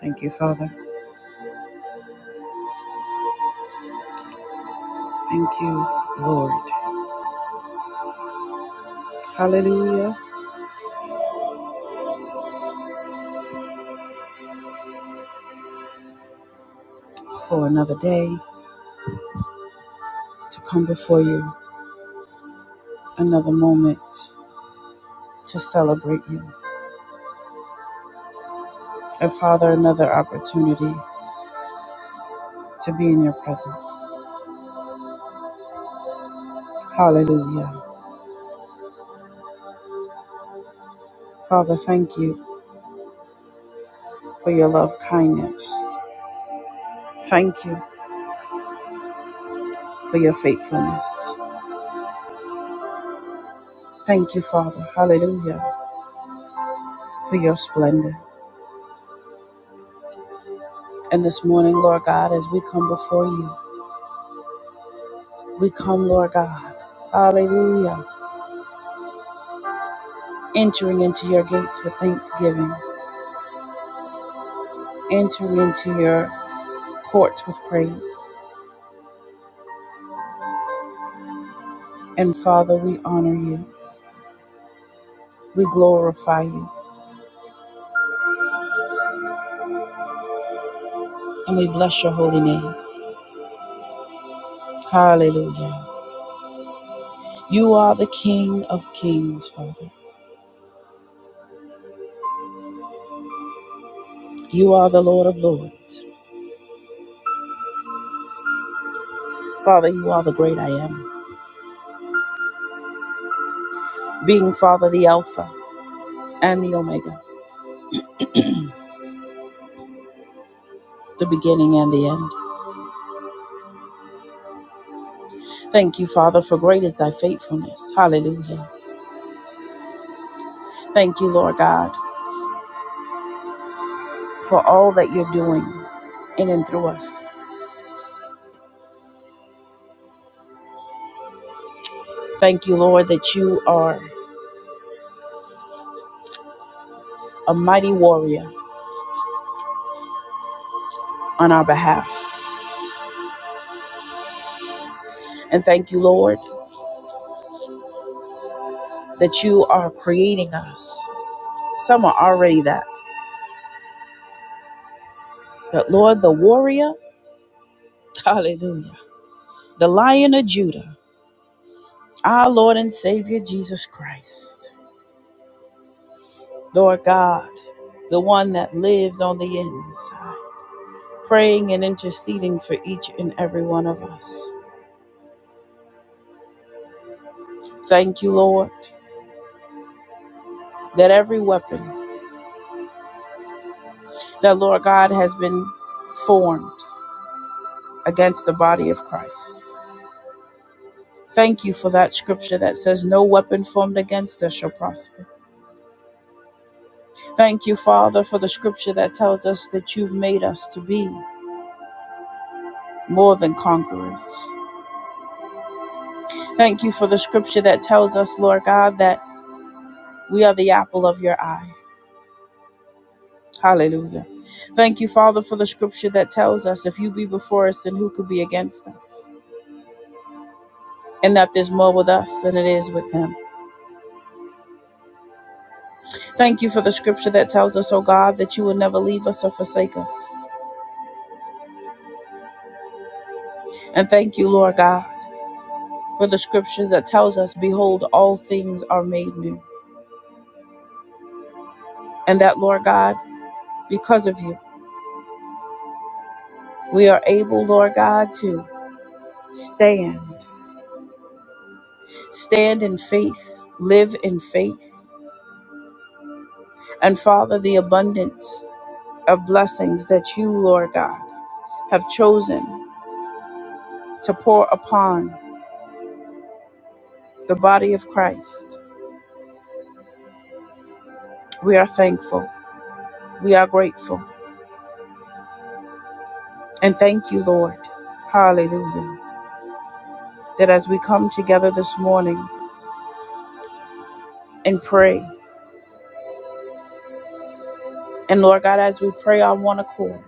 Thank you, Father. Thank you, Lord. Hallelujah for another day to come before you, another moment to celebrate you, and Father, another opportunity to be in your presence. Hallelujah. Father, thank you for your love kindness. Thank you for your faithfulness. Thank you, Father. Hallelujah for your splendor. And this morning, Lord God, as we come before you, we come, Lord God. Hallelujah entering into your gates with thanksgiving, entering into your courts with praise. And Father, we honor you, we glorify you, and we bless your holy name. Hallelujah. You are the King of kings, Father. You are the Lord of lords. Father, you are the great I am, being Father, the Alpha and the Omega, the beginning and the end. Thank you, Father, for great is thy faithfulness. Hallelujah. Thank you, Lord God, for all that you're doing in and through us. Thank you, Lord, that you are a mighty warrior on our behalf. And thank you, Lord, that you are creating us. Some are already that. But Lord, the warrior, hallelujah, the lion of Judah, our Lord and Savior Jesus Christ, Lord God, the one that lives on the inside, praying and interceding for each and every one of us. Thank you, Lord, that every weapon that, Lord God, has been formed against the body of Christ. Thank you for that scripture that says, No weapon formed against us shall prosper. Thank you, Father, for the scripture that tells us that you've made us to be more than conquerors. Thank you for the scripture that tells us, Lord God, that we are the apple of your eye. Hallelujah. Thank you, Father, for the scripture that tells us, If you be before us, then who could be against us? And that there's more with us than it is with them. Thank you for the scripture that tells us, oh God, that you will never leave us or forsake us. And thank you, Lord God, for the scriptures that tells us, Behold, all things are made new. And that, Lord God, because of you, we are able, Lord God, to stand, stand in faith, live in faith. And Father, the abundance of blessings that you, Lord God, have chosen to pour upon the body of Christ, we are thankful. We are grateful. And thank you, Lord. Hallelujah. That as we come together this morning, and pray. And Lord God, as we pray on one accord,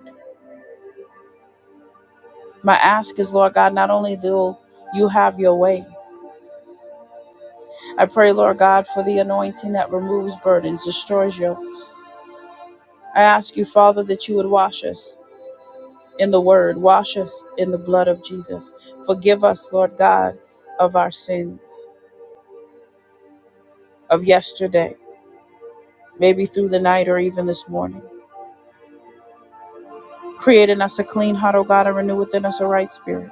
my ask is, Lord God, not only do you have your way, I pray, Lord God, for the anointing that removes burdens, destroys yokes. I ask you, Father, that you would wash us in the word, wash us in the blood of Jesus. Forgive us, Lord God, of our sins of yesterday, maybe through the night or even this morning. Create in us a clean heart, O God, and renew within us a right spirit.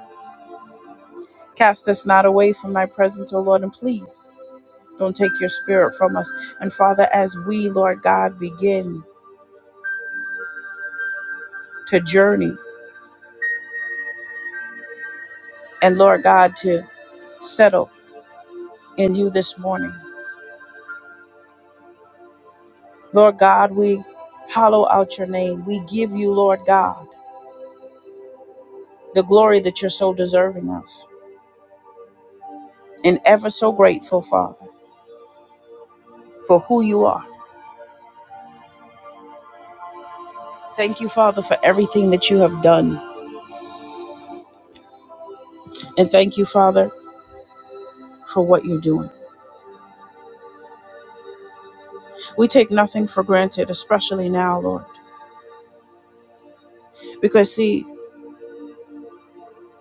Cast us not away from thy presence, O Lord, and please Don't take your spirit from us. And Father, as we, Lord God, begin to journey and Lord God, to settle in you this morning, Lord God, we hollow out your name. We give you, Lord God, the glory that you're so deserving of and ever so grateful, Father, for who you are. Thank you, Father, for everything that you have done. And thank you, Father, for what you're doing. We take nothing for granted, especially now, Lord. Because, see,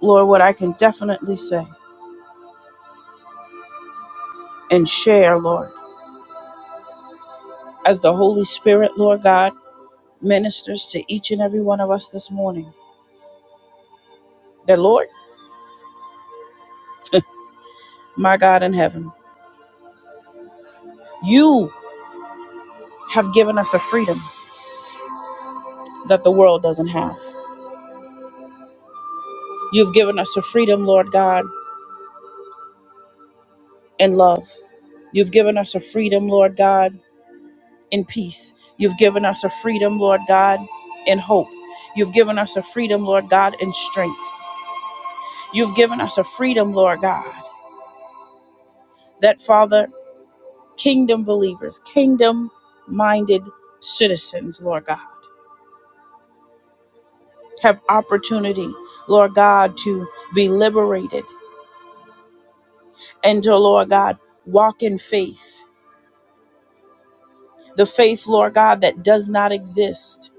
Lord, what I can definitely say. and share, Lord, as the Holy Spirit, Lord God, ministers to each and every one of us this morning. That, Lord, my God in heaven, you have given us a freedom that the world doesn't have. You've given us a freedom, Lord God, in love. You've given us a freedom, Lord God, in peace. You've given us a freedom, Lord God, in hope. You've given us a freedom, Lord God, in strength. You've given us a freedom, Lord God, that, Father, kingdom believers, kingdom minded citizens, Lord God, have opportunity, Lord God, to be liberated and to, Lord God, walk in faith. The faith, Lord God, that does not exist,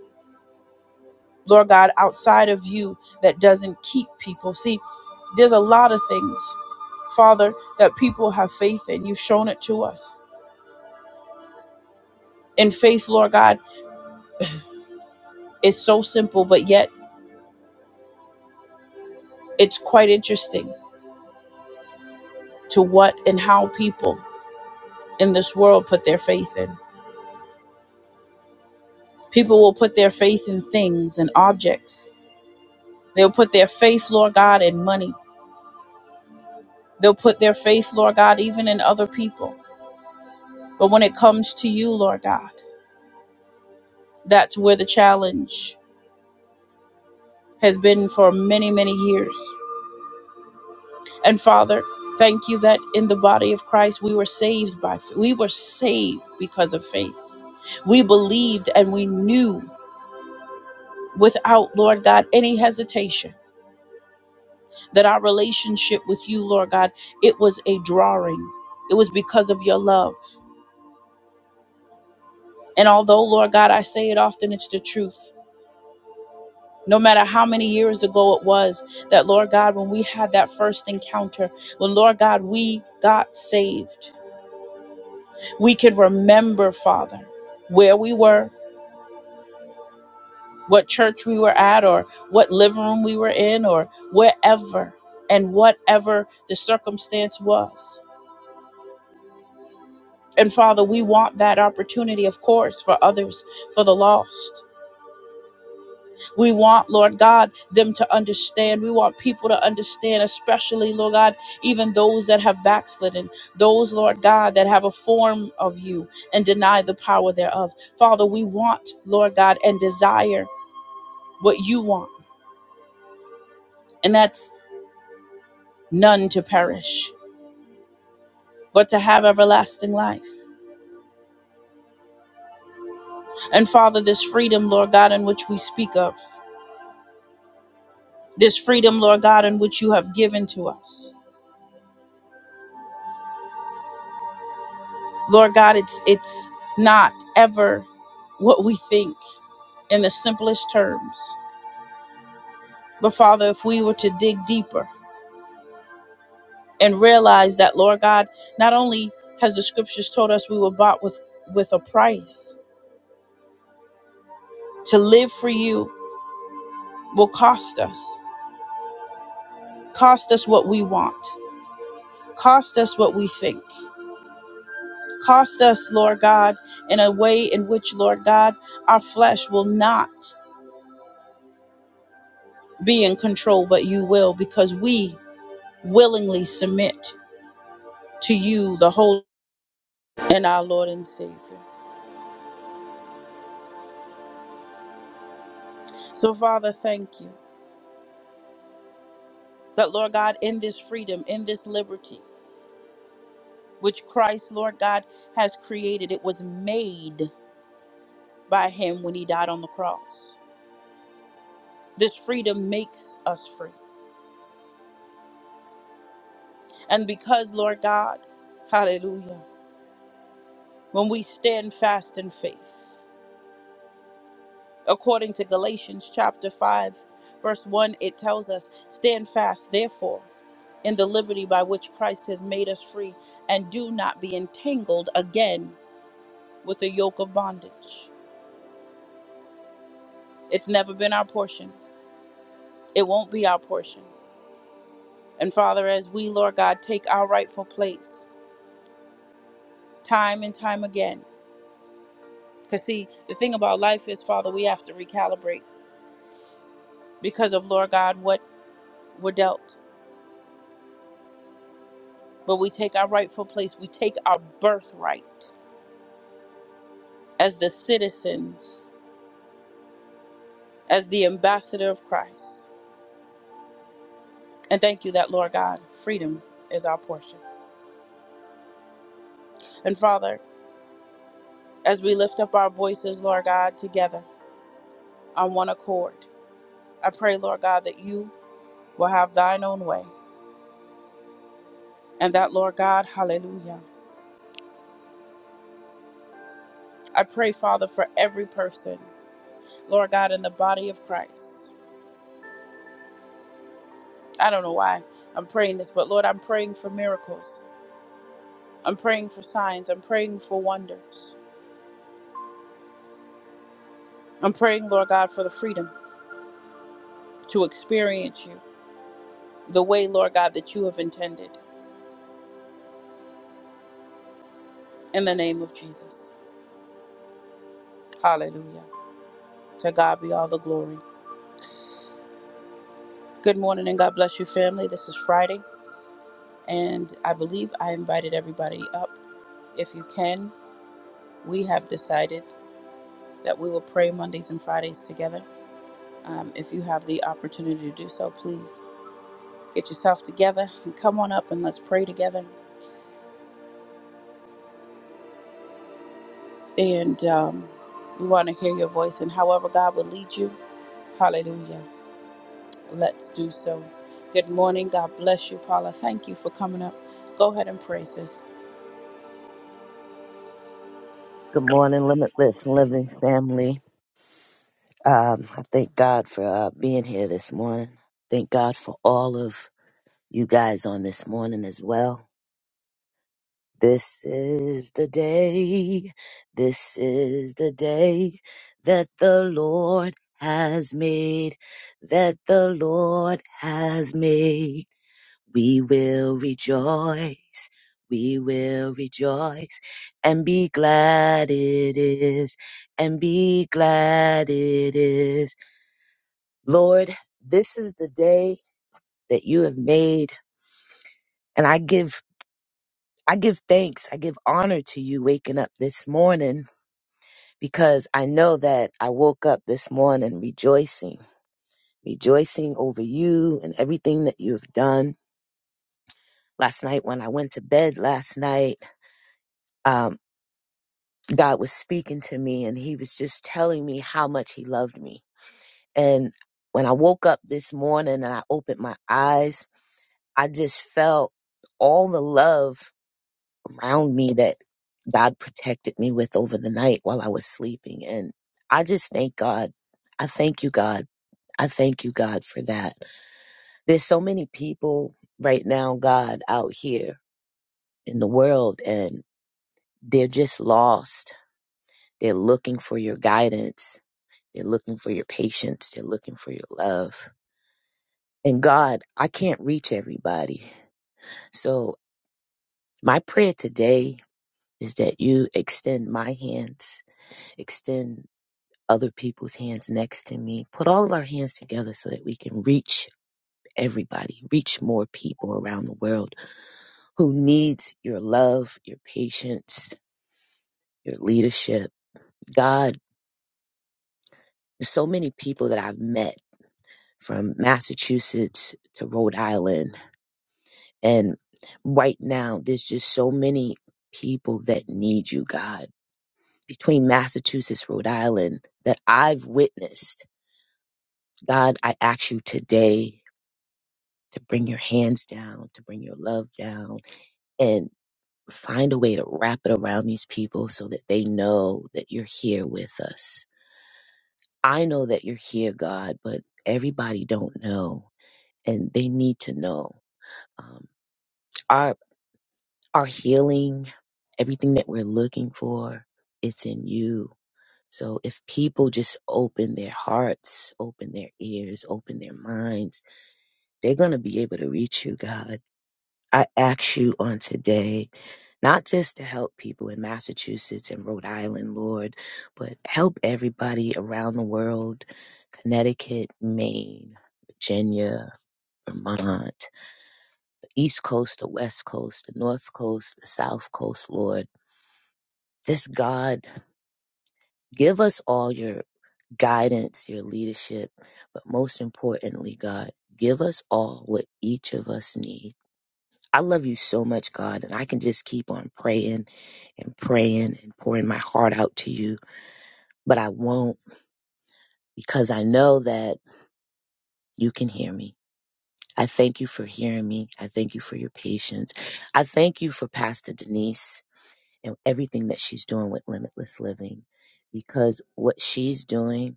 Lord God, outside of you that doesn't keep people. See, there's a lot of things, Father, that people have faith in. You've shown it to us. And faith, Lord God, is so simple, but yet it's quite interesting to what and how people in this world put their faith in. People will put their faith in things and objects. They'll put their faith, Lord God, in money. They'll put their faith, Lord God, even in other people. But when it comes to you, Lord God, that's where the challenge has been for many, many years. And Father, thank you that in the body of Christ we were saved by we were saved because of faith. We believed and we knew without, Lord God, any hesitation that our relationship with you, Lord God, it was a drawing. It was because of your love. And although, Lord God, I say it often, it's the truth. No matter how many years ago it was that, Lord God, when we had that first encounter, when, Lord God, we got saved, we could remember, Father, where we were, what church we were at, or what living room we were in, or wherever and whatever the circumstance was. And Father, we want that opportunity, of course, for others, for the lost. We want, Lord God, them to understand. We want people to understand, especially, Lord God, even those that have backslidden, those, Lord God, that have a form of you and deny the power thereof. Father, we want, Lord God, and desire what you want, and that's none to perish, but to have everlasting life. And Father, this freedom, Lord God, in which we speak of. this freedom, Lord God, in which you have given to us. Lord God, it's it's not ever what we think in the simplest terms. But Father, if we were to dig deeper and realize that, Lord God, not only has the scriptures told us we were bought with, with a price, to live for you will cost us. Cost us what we want, cost us what we think, cost us, Lord God, in a way in which, Lord God, our flesh will not be in control, but you will because we willingly submit to you, the Holy and our Lord and Savior. So, Father, thank you that, Lord God, in this freedom, in this liberty, which Christ, Lord God, has created, it was made by Him when He died on the cross. This freedom makes us free. And because, Lord God, hallelujah, when we stand fast in faith, According to Galatians chapter 5, verse 1, it tells us, Stand fast, therefore, in the liberty by which Christ has made us free, and do not be entangled again with the yoke of bondage. It's never been our portion, it won't be our portion. And Father, as we, Lord God, take our rightful place time and time again, because see, the thing about life is, Father, we have to recalibrate because of, Lord God, what we're dealt. But we take our rightful place, we take our birthright as the citizens, as the ambassador of Christ. And thank you that, Lord God, freedom is our portion. And Father, as we lift up our voices, Lord God, together on one accord, I pray, Lord God, that you will have thine own way. And that, Lord God, hallelujah. I pray, Father, for every person, Lord God, in the body of Christ. I don't know why I'm praying this, but Lord, I'm praying for miracles. I'm praying for signs. I'm praying for wonders. I'm praying, Lord God, for the freedom to experience you the way, Lord God, that you have intended. In the name of Jesus. Hallelujah. To God be all the glory. Good morning and God bless you, family. This is Friday, and I believe I invited everybody up. If you can, we have decided that we will pray Mondays and Fridays together. Um, if you have the opportunity to do so, please get yourself together and come on up and let's pray together. And um, we want to hear your voice and however God will lead you. Hallelujah. Let's do so. Good morning. God bless you, Paula. Thank you for coming up. Go ahead and praise us. Good morning, Limitless Living Family. Um, I thank God for uh, being here this morning. Thank God for all of you guys on this morning as well. This is the day. This is the day that the Lord has made. That the Lord has made. We will rejoice. We will rejoice and be glad it is. And be glad it is. Lord, this is the day that you have made. And I give, I give thanks. I give honor to you waking up this morning because I know that I woke up this morning rejoicing, rejoicing over you and everything that you have done. Last night when I went to bed last night, um, God was speaking to me and he was just telling me how much he loved me. And when I woke up this morning and I opened my eyes, I just felt all the love around me that God protected me with over the night while I was sleeping. And I just thank God. I thank you, God. I thank you, God, for that. There's so many people right now, God, out here in the world and they're just lost. They're looking for your guidance They're looking for your patience. They're looking for your love. And God, I can't reach everybody. So my prayer today is that you extend my hands, extend other people's hands next to me. Put all of our hands together so that we can reach everybody, reach more people around the world who needs your love, your patience, your leadership. God, so many people that I've met from Massachusetts to Rhode Island And right now, there's just so many people that need you, God. Between Massachusetts, Rhode Island, that I've witnessed, God, I ask you today to bring your hands down, to bring your love down, and find a way to wrap it around these people so that they know that you're here with us. I know that you're here, God, but everybody don't know, and they need to know. Um, our healing, everything that we're looking for, it's in you. So if people just open their hearts, open their ears, open their minds, they're going to be able to reach you, God. I ask you on today, not just to help people in Massachusetts and Rhode Island, Lord, but help everybody around the world Connecticut, Maine, Virginia, Vermont, East Coast, the West Coast, the North Coast, the South Coast, Lord. Just God, give us all your guidance, your leadership, but most importantly, God, give us all what each of us need. I love you so much, God, and I can just keep on praying and praying and pouring my heart out to you, but I won't because I know that you can hear me. I thank you for hearing me. I thank you for your patience. I thank you for Pastor Denise and everything that she's doing with Limitless Living because what she's doing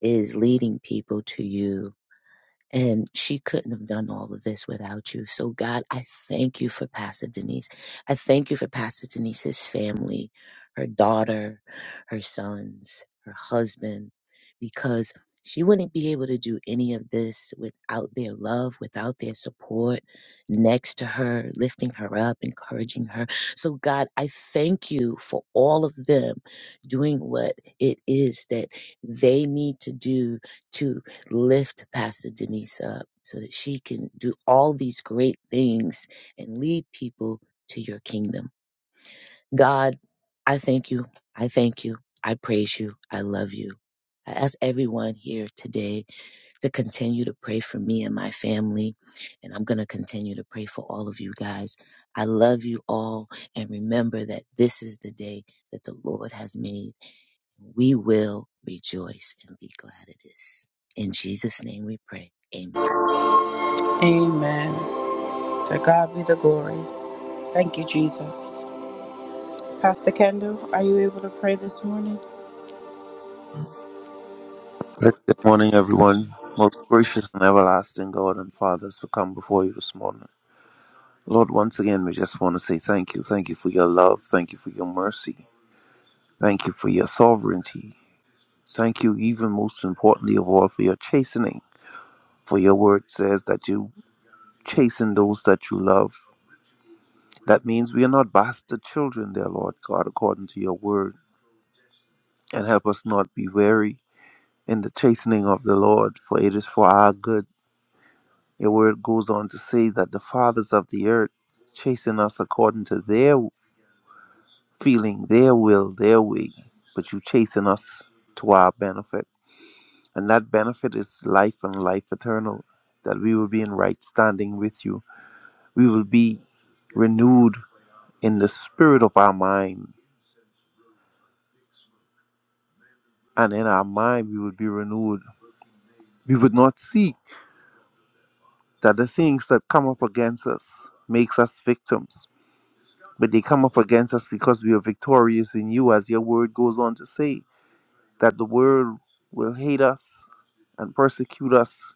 is leading people to you. And she couldn't have done all of this without you. So, God, I thank you for Pastor Denise. I thank you for Pastor Denise's family, her daughter, her sons, her husband, because she wouldn't be able to do any of this without their love, without their support next to her, lifting her up, encouraging her. So, God, I thank you for all of them doing what it is that they need to do to lift Pastor Denise up so that she can do all these great things and lead people to your kingdom. God, I thank you. I thank you. I praise you. I love you. I ask everyone here today to continue to pray for me and my family. And I'm going to continue to pray for all of you guys. I love you all. And remember that this is the day that the Lord has made. We will rejoice and be glad of this. In Jesus' name we pray. Amen. Amen. To God be the glory. Thank you, Jesus. Pastor Kendall, are you able to pray this morning? Blessed Good morning, everyone. Most gracious and everlasting God and Father, as we come before you this morning. Lord, once again, we just want to say thank you. Thank you for your love. Thank you for your mercy. Thank you for your sovereignty. Thank you, even most importantly of all, for your chastening. For your word says that you chasten those that you love. That means we are not bastard children, dear Lord God, according to your word. And help us not be weary in the chastening of the Lord, for it is for our good Your word goes on to say that the fathers of the earth chasing us according to their feeling, their will, their way, but you chasing us to our benefit. And that benefit is life and life eternal, that we will be in right standing with you. We will be renewed in the spirit of our mind. And in our mind, we will be renewed. We would not seek that the things that come up against us makes us victims but they come up against us because we are victorious in you, as your word goes on to say, that the world will hate us and persecute us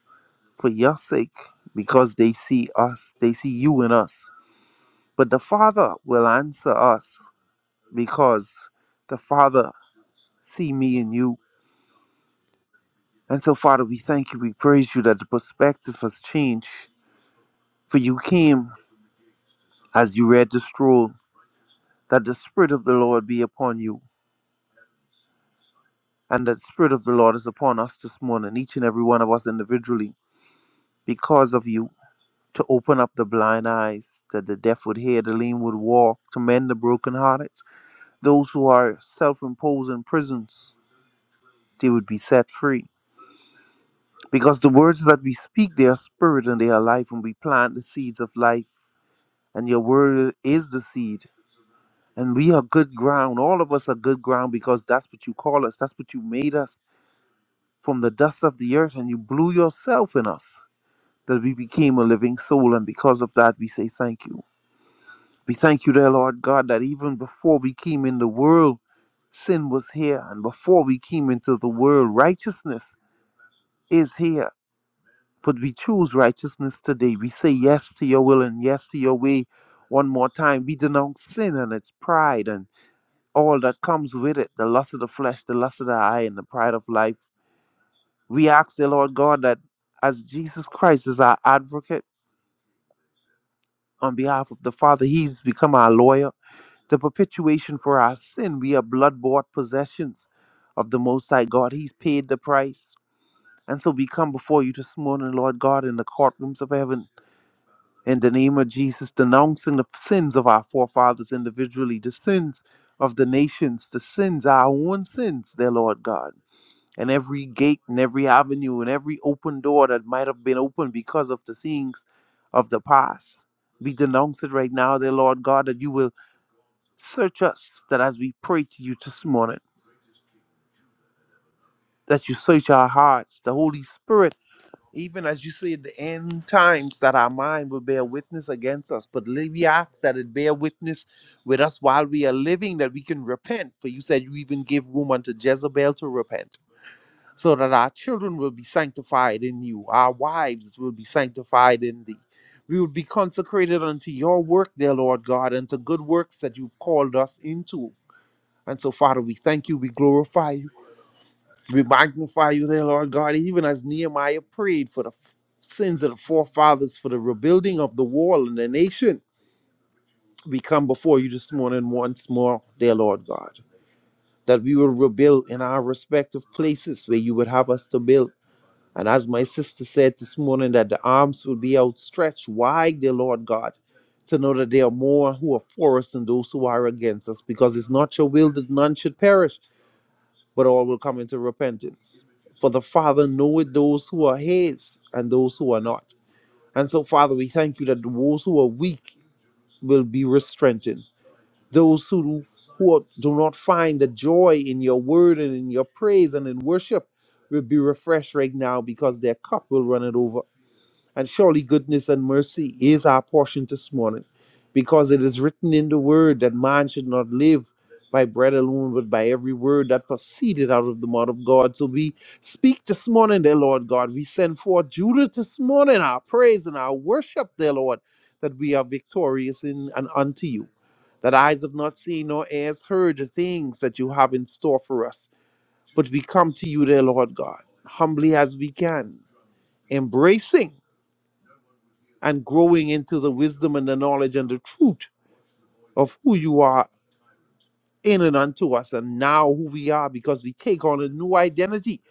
for your sake, because they see us, they see you in us. But the Father will answer us because the Father see me in you. And so, Father, we thank you, we praise you that the perspective has changed. For you came, as you read the scroll, that the Spirit of the Lord be upon you And that the Spirit of the Lord is upon us this morning, each and every one of us individually, because of you, to open up the blind eyes, that the deaf would hear, the lame would walk, to mend the brokenhearted. Those who are self imposed in prisons, they would be set free. Because the words that we speak, they are spirit and they are life, and we plant the seeds of life. And your word is the seed. And we are good ground. All of us are good ground because that's what you call us. That's what you made us from the dust of the earth, and you blew yourself in us that we became a living soul. And because of that, we say thank you. We thank you, dear Lord God, that even before we came in the world, sin was here. And before we came into the world, righteousness is here. But we choose righteousness today. We say yes to your will and yes to your way. One more time, we denounce sin and its pride and all that comes with it the lust of the flesh, the lust of the eye, and the pride of life. We ask, dear Lord God, that as Jesus Christ is our advocate, on behalf of the Father. He's become our lawyer. The perpetuation for our sin. We are blood bought possessions of the Most High God. He's paid the price. And so we come before you this morning, Lord God, in the courtrooms of heaven, in the name of Jesus, denouncing the sins of our forefathers individually, the sins of the nations, the sins, our own sins, dear Lord God and every gate and every avenue and every open door that might have been open because of the things of the past. We denounce it right now, dear Lord God, that you will search us, that as we pray to you this morning, that you search our hearts, the Holy Spirit, even as you say at the end times, that our mind will bear witness against us. But li- we ask that it bear witness with us while we are living, that we can repent. For you said you even gave room unto Jezebel to repent. so that our children will be sanctified in you, our wives will be sanctified in thee. We will be consecrated unto your work, dear Lord God, and to good works that you've called us into. And so, Father, we thank you, we glorify you, we magnify you, dear Lord God, even as Nehemiah prayed for the f- sins of the forefathers, for the rebuilding of the wall and the nation. We come before you this morning once more, dear Lord God, that we will rebuild in our respective places where you would have us to build And as my sister said this morning, that the arms will be outstretched wide, dear Lord God, to know that there are more who are for us than those who are against us, because it's not your will that none should perish, but all will come into repentance. For the Father knoweth those who are his and those who are not. And so, Father, we thank you that those who are weak will be strengthened. Those who, who do not find the joy in your word and in your praise and in worship will be refreshed right now because their cup will run it over. And surely goodness and mercy is our portion this morning, because it is written in the word that man should not live by bread alone, but by every word that proceeded out of the mouth of God. So we speak this morning, dear Lord God. We send forth Judith this morning, our praise and our worship, dear Lord, that we are victorious in and unto you. That eyes have not seen nor ears heard the things that you have in store for us. But we come to you, dear Lord God, humbly as we can, embracing and growing into the wisdom and the knowledge and the truth of who you are in and unto us and now who we are because we take on a new identity.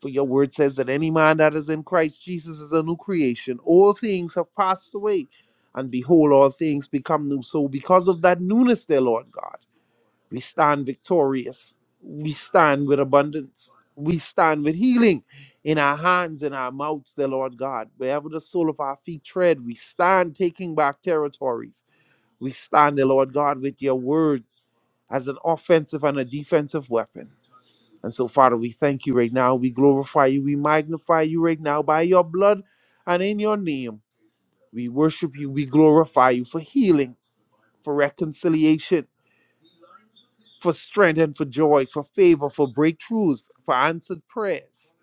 For your word says that any man that is in Christ Jesus is a new creation. All things have passed away, and behold, all things become new. So, because of that newness, dear Lord God. We stand victorious. We stand with abundance. We stand with healing in our hands and our mouths, the Lord God. Wherever the sole of our feet tread, we stand taking back territories. We stand, the Lord God, with your word as an offensive and a defensive weapon. And so, Father, we thank you right now. We glorify you. We magnify you right now by your blood and in your name. We worship you. We glorify you for healing, for reconciliation for strength and for joy, for favor, for breakthroughs, for answered prayers.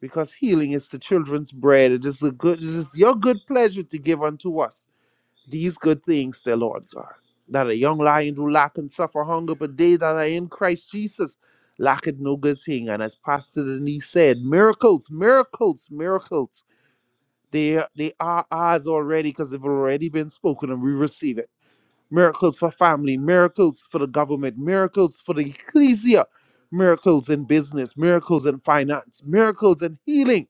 Because healing is the children's bread. It is the good it is your good pleasure to give unto us these good things, dear Lord God. That a young lion do lack and suffer hunger, but they that are in Christ Jesus lacketh no good thing. And as Pastor Denise said, miracles, miracles, miracles. They, they are ours already because they've already been spoken and we receive it miracles for family, miracles for the government, miracles for the ecclesia, miracles in business, miracles in finance, miracles in healing,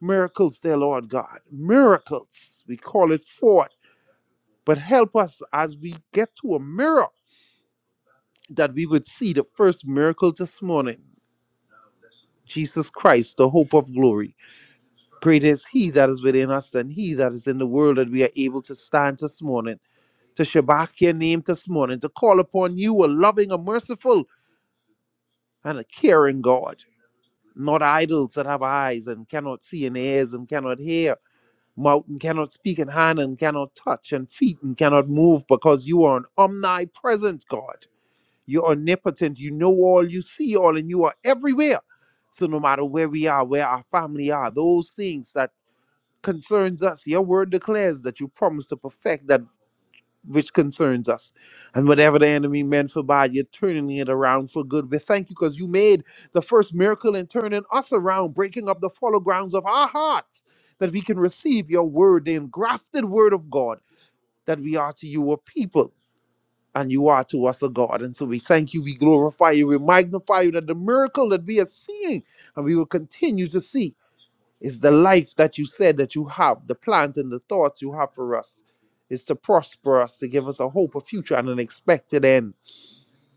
miracles, dear Lord God, miracles. We call it forth. But help us as we get to a mirror that we would see the first miracle this morning. Jesus Christ, the hope of glory. Greater is He that is within us than He that is in the world, that we are able to stand this morning, to Shabbat your name this morning, to call upon you, a loving, a merciful, and a caring God, not idols that have eyes and cannot see and ears and cannot hear, mouth and cannot speak and hand and cannot touch and feet and cannot move because you are an omnipresent God. You're omnipotent. You know all, you see all, and you are everywhere. So no matter where we are, where our family are, those things that concerns us, your word declares that you promise to perfect that which concerns us. And whatever the enemy meant for bad, you're turning it around for good. We thank you because you made the first miracle in turning us around, breaking up the fallow grounds of our hearts, that we can receive your word, the engrafted word of God, that we are to you a people. And you are to us a God. And so we thank you, we glorify you, we magnify you that the miracle that we are seeing and we will continue to see it's the life that you said that you have, the plans and the thoughts you have for us. Is to prosper us, to give us a hope, a future, and an expected end.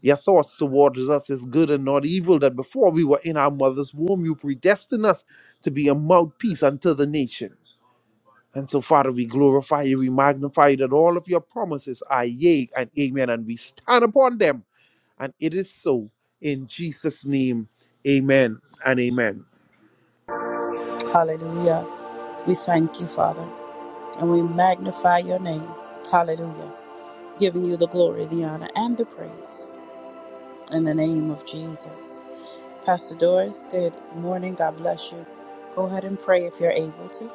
Your thoughts towards us is good and not evil, that before we were in our mother's womb, you predestined us to be a mouthpiece unto the nation. And so, Father, we glorify you, we magnify you, that all of your promises are yea and amen, and we stand upon them. And it is so. In Jesus' name, amen and amen. Hallelujah. We thank you, Father, and we magnify your name. Hallelujah. Giving you the glory, the honor, and the praise in the name of Jesus. Pastor Doris, good morning. God bless you. Go ahead and pray if you're able to.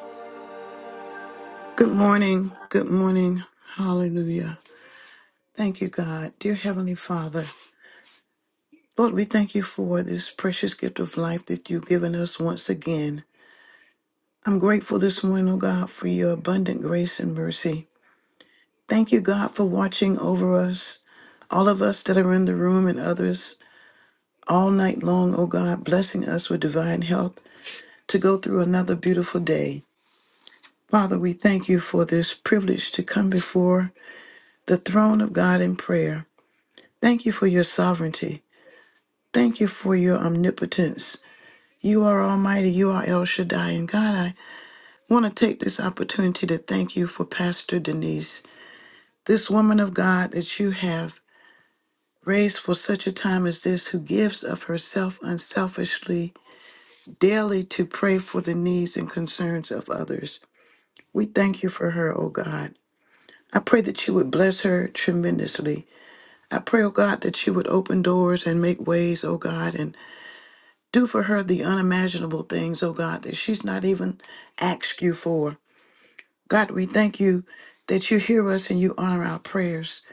Good morning. Good morning. Hallelujah. Thank you, God. Dear Heavenly Father, Lord, we thank you for this precious gift of life that you've given us once again. I'm grateful this morning, oh God, for your abundant grace and mercy. Thank you, God, for watching over us, all of us that are in the room and others all night long, oh God, blessing us with divine health to go through another beautiful day. Father, we thank you for this privilege to come before the throne of God in prayer. Thank you for your sovereignty. Thank you for your omnipotence. You are almighty. You are El Shaddai. And God, I want to take this opportunity to thank you for Pastor Denise, this woman of God that you have raised for such a time as this, who gives of herself unselfishly daily to pray for the needs and concerns of others. We thank you for her, O God. I pray that you would bless her tremendously. I pray, oh God, that you would open doors and make ways, oh God, and Do for her the unimaginable things, oh God, that she's not even asked you for. God, we thank you that you hear us and you honor our prayers.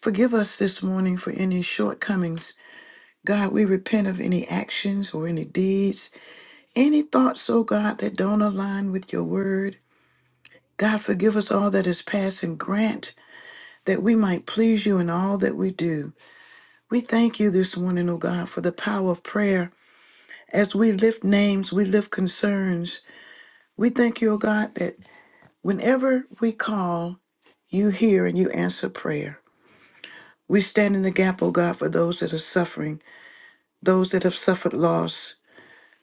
Forgive us this morning for any shortcomings. God, we repent of any actions or any deeds, any thoughts, oh God, that don't align with your word. God, forgive us all that is past and grant that we might please you in all that we do. We thank you this morning, oh God, for the power of prayer. As we lift names, we lift concerns. We thank you, O God, that whenever we call, you hear and you answer prayer. We stand in the gap, O God, for those that are suffering, those that have suffered loss,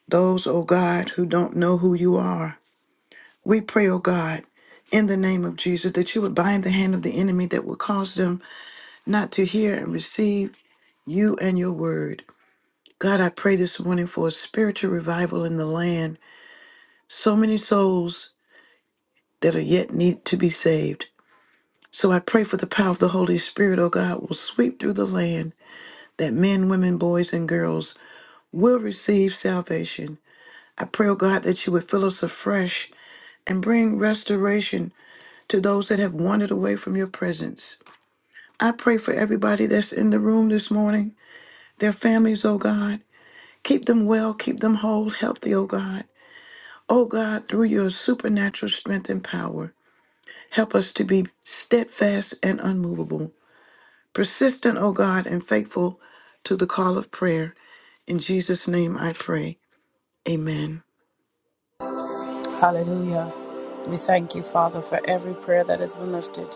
those, O God, who don't know who you are. We pray, O God, in the name of Jesus, that you would bind the hand of the enemy that will cause them not to hear and receive you and your word. God, I pray this morning for a spiritual revival in the land. So many souls that are yet need to be saved. So I pray for the power of the Holy Spirit, O God, will sweep through the land that men, women, boys, and girls will receive salvation. I pray, O God, that you would fill us afresh and bring restoration to those that have wandered away from your presence. I pray for everybody that's in the room this morning, their families, O God. Keep them well, keep them whole, healthy, O God. O God, through your supernatural strength and power, help us to be steadfast and unmovable Persistent, O God, and faithful to the call of prayer. In Jesus' name I pray. Amen. Hallelujah. We thank you, Father, for every prayer that has been lifted.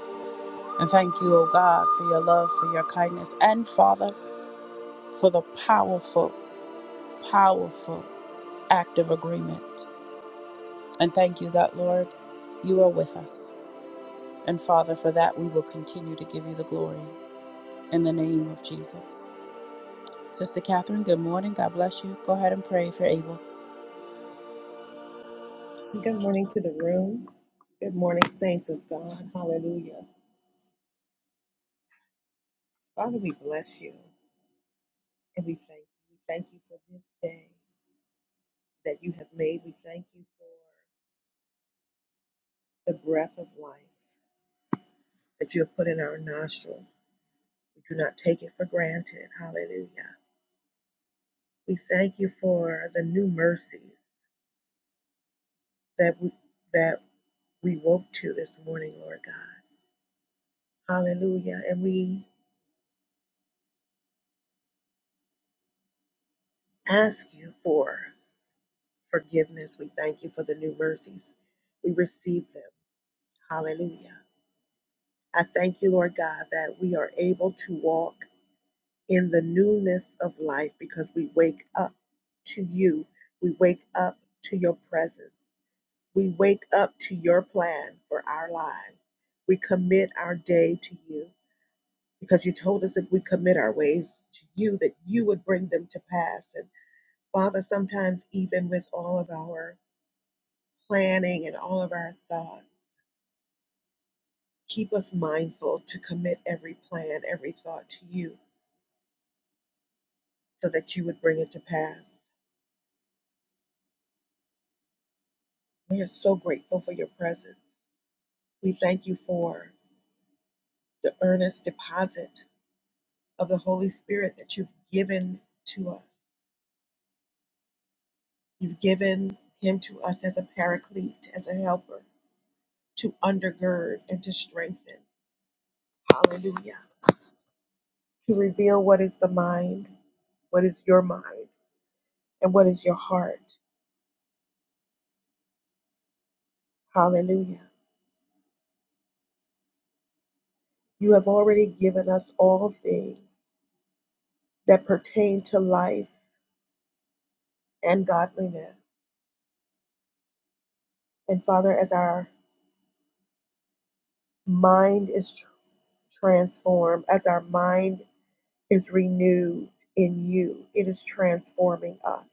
And thank you, O God, for your love, for your kindness, and Father, for the powerful, powerful act of agreement. And thank you that, Lord, you are with us. And Father, for that we will continue to give you the glory in the name of Jesus. Sister Catherine, good morning. God bless you. Go ahead and pray if you're able. Good morning to the room. Good morning, saints of God. Hallelujah. Father, we bless you and we thank you. We thank you for this day that you have made. We thank you for the breath of life that you have put in our nostrils. We do not take it for granted. Hallelujah. We thank you for the new mercies that we that we woke to this morning, Lord God. Hallelujah. And we ask you for forgiveness. We thank you for the new mercies. We receive them. Hallelujah. I thank you, Lord God, that we are able to walk in the newness of life because we wake up to you. We wake up to your presence. We wake up to your plan for our lives. We commit our day to you because you told us if we commit our ways to you, that you would bring them to pass. And Father, sometimes even with all of our planning and all of our thoughts. Keep us mindful to commit every plan, every thought to you so that you would bring it to pass. We are so grateful for your presence. We thank you for the earnest deposit of the Holy Spirit that you've given to us. You've given him to us as a paraclete, as a helper, to undergird and to strengthen. Hallelujah. To reveal what is the mind, what is your mind, and what is your heart Hallelujah. You have already given us all things that pertain to life and godliness. And Father, as our mind is tr- transformed, as our mind is renewed in you, it is transforming us.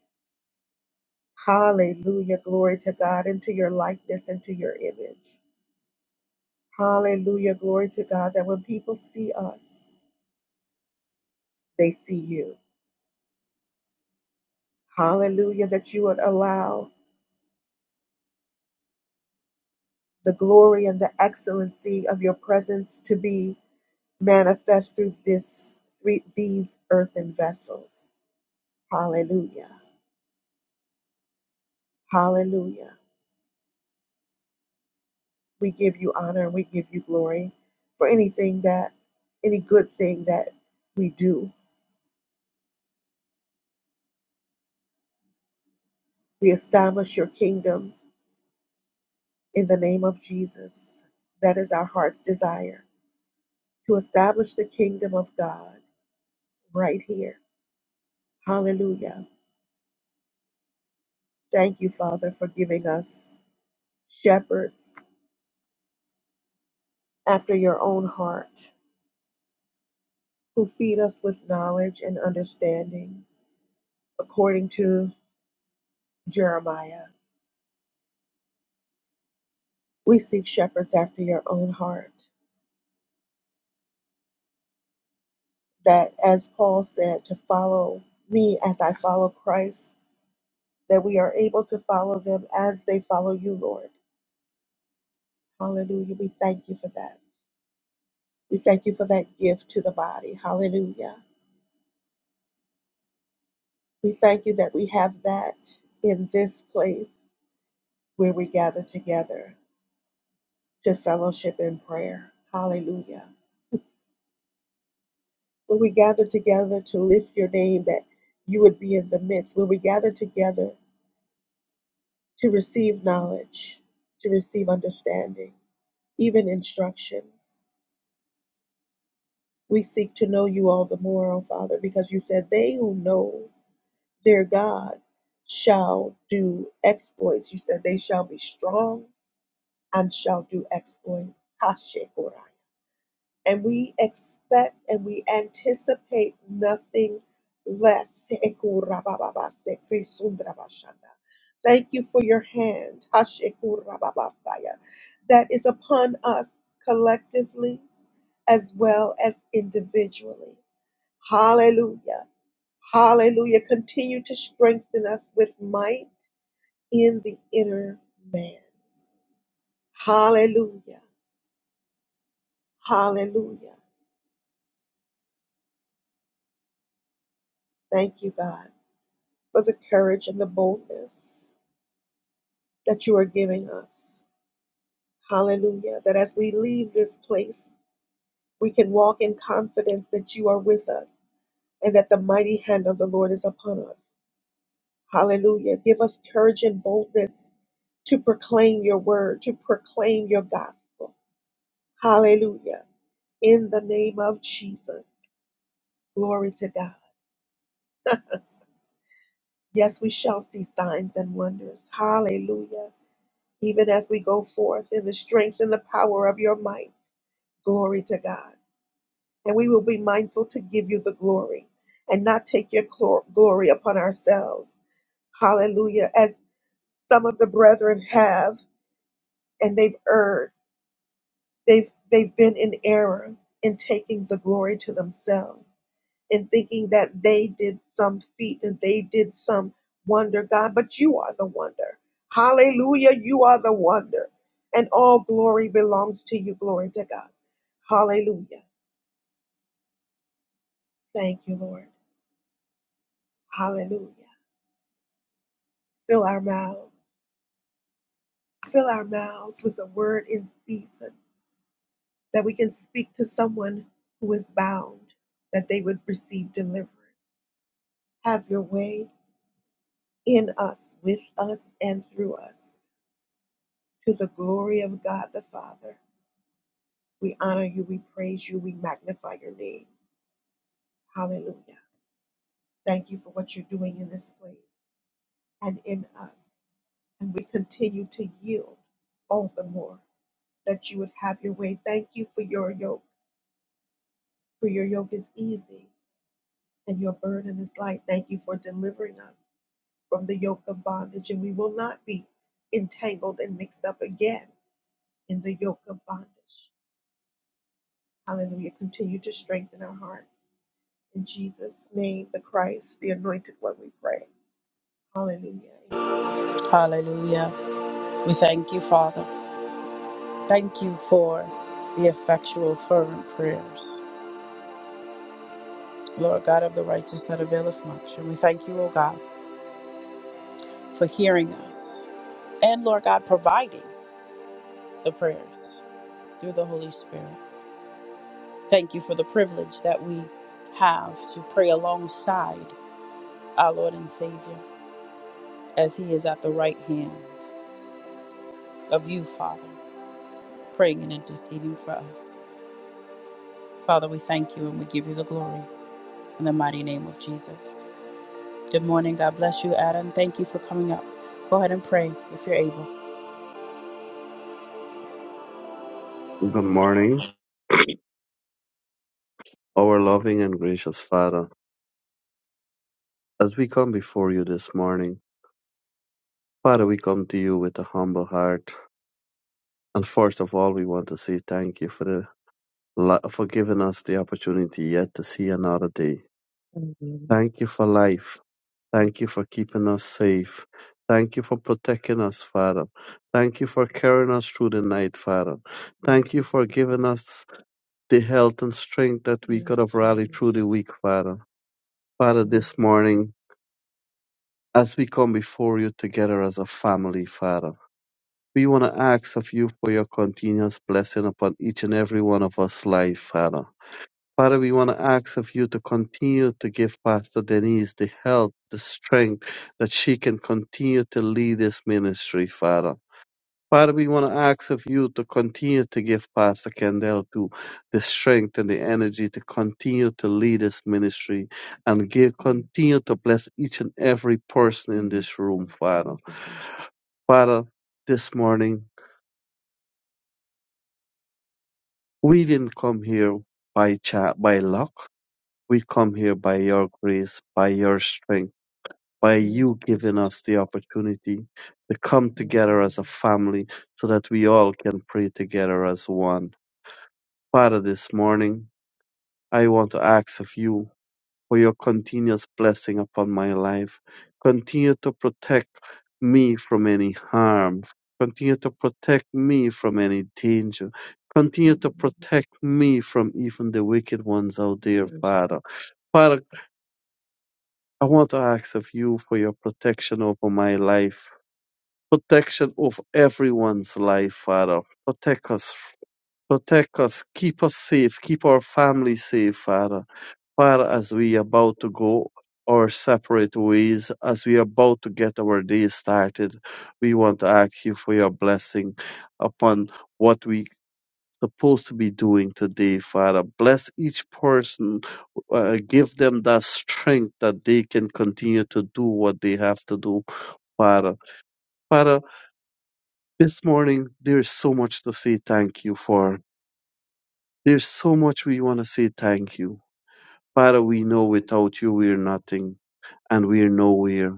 Hallelujah. Glory to God, into your likeness, into your image. Hallelujah. Glory to God that when people see us, they see you. Hallelujah. That you would allow the glory and the excellency of your presence to be manifest through this these earthen vessels. Hallelujah. Hallelujah. We give you honor and we give you glory for anything that any good thing that we do. We establish your kingdom in the name of Jesus. That is our heart's desire to establish the kingdom of God right here. Hallelujah. Thank you, Father, for giving us shepherds after your own heart, who feed us with knowledge and understanding, according to Jeremiah. We seek shepherds after your own heart, that, as Paul said, to follow me as I follow Christ, that we are able to follow them as they follow you, Lord. Hallelujah. We thank you for that. We thank you for that gift to the body. Hallelujah. We thank you that we have that in this place where we gather together. to fellowship in prayer. Hallelujah. When we gather together to lift your name, that you would be in the midst. When we gather together to receive knowledge, to receive understanding, even instruction, we seek to know you all the more, O Father, because you said, They who know their God shall do exploits. You said, They shall be strong and shall do exploits. Hashekora. and we expect and we anticipate nothing less. Thank you for your hand Hashekurababasaya, that is upon us collectively as well as individually. Hallelujah. Hallelujah. Continue to strengthen us with might in the inner man. Hallelujah. Hallelujah. Thank you, God. but the courage and the boldness that you are giving us. Hallelujah. That as we leave this place, we can walk in confidence that you are with us and that the mighty hand of the Lord is upon us. Hallelujah. Give us courage and boldness to proclaim your word, to proclaim your gospel. Hallelujah. In the name of Jesus. Glory to God. Yes, we shall see signs and wonders. Hallelujah. even as we go forth in the strength and the power of your might. Glory to God. And we will be mindful to give you the glory and not take your clo- glory upon ourselves. Hallelujah. As some of the brethren have, and they've erred. They've, they've been in error in taking the glory to themselves in thinking that they did some feat and they did some wonder, God, but you are the wonder. Hallelujah, you are the wonder. And all glory belongs to you. Glory to God. Hallelujah. Thank you, Lord. Hallelujah. Fill our mouths. Fill our mouths with a word in season that we can speak to someone who is bound, that they would receive deliverance. Have your way in us, with us, and through us. To the glory of God the Father, we honor you, we praise you, we magnify your name. Hallelujah. Thank you for what you're doing in this place and in us. And we continue to yield all the more that you would have your way. Thank you for your yoke, for your yoke is easy and your burden is light. Thank you for delivering us from the yoke of bondage, and we will not be entangled and mixed up again in the yoke of bondage. Hallelujah. Continue to strengthen our hearts. In Jesus' name, the Christ, the anointed one, we pray. Hallelujah. Hallelujah. We thank you, Father. Thank you for the effectual, fervent prayers. Lord God of the righteous that availeth much. And we thank you, O God, for hearing us and, Lord God, providing the prayers through the Holy Spirit. Thank you for the privilege that we have to pray alongside our Lord and Savior as He is at the right hand of you, Father, praying and interceding for us. Father, we thank you and we give you the glory in the mighty name of Jesus. Good morning. God bless you, Adam. Thank you for coming up. Go ahead and pray if you're able. Good morning, our loving and gracious Father. As we come before you this morning, Father, we come to you with a humble heart. And first of all, we want to say thank you for the li- for giving us the opportunity yet to see another day. Thank you for life. Thank you for keeping us safe. Thank you for protecting us, Father. Thank you for carrying us through the night, Father. Thank you for giving us the health and strength that we could have rallied through the week, Father. Father, this morning As we come before you together as a family, Father, we want to ask of you for your continuous blessing upon each and every one of us life, Father. Father, we want to ask of you to continue to give Pastor Denise the help, the strength that she can continue to lead this ministry, Father. Father, we want to ask of you to continue to give Pastor Kendall to the strength and the energy to continue to lead this ministry and give continue to bless each and every person in this room, Father. Father, this morning we didn't come here by cha- by luck. We come here by your grace, by your strength, by you giving us the opportunity to come together as a family so that we all can pray together as one. Father, this morning I want to ask of you for your continuous blessing upon my life. Continue to protect me from any harm. Continue to protect me from any danger. Continue to protect me from even the wicked ones out there, Father. Father, I want to ask of you for your protection over my life. Protection of everyone's life, Father. Protect us. Protect us. Keep us safe. Keep our family safe, Father far as we about to go our separate ways, as we are about to get our day started, we want to ask you for your blessing upon what we supposed to be doing today, Father. Bless each person. Uh, give them that strength that they can continue to do what they have to do, Father. Father, this morning, there's so much to say thank you for. There's so much we want to say thank you. Father, we know without you, we're nothing. and we're nowhere.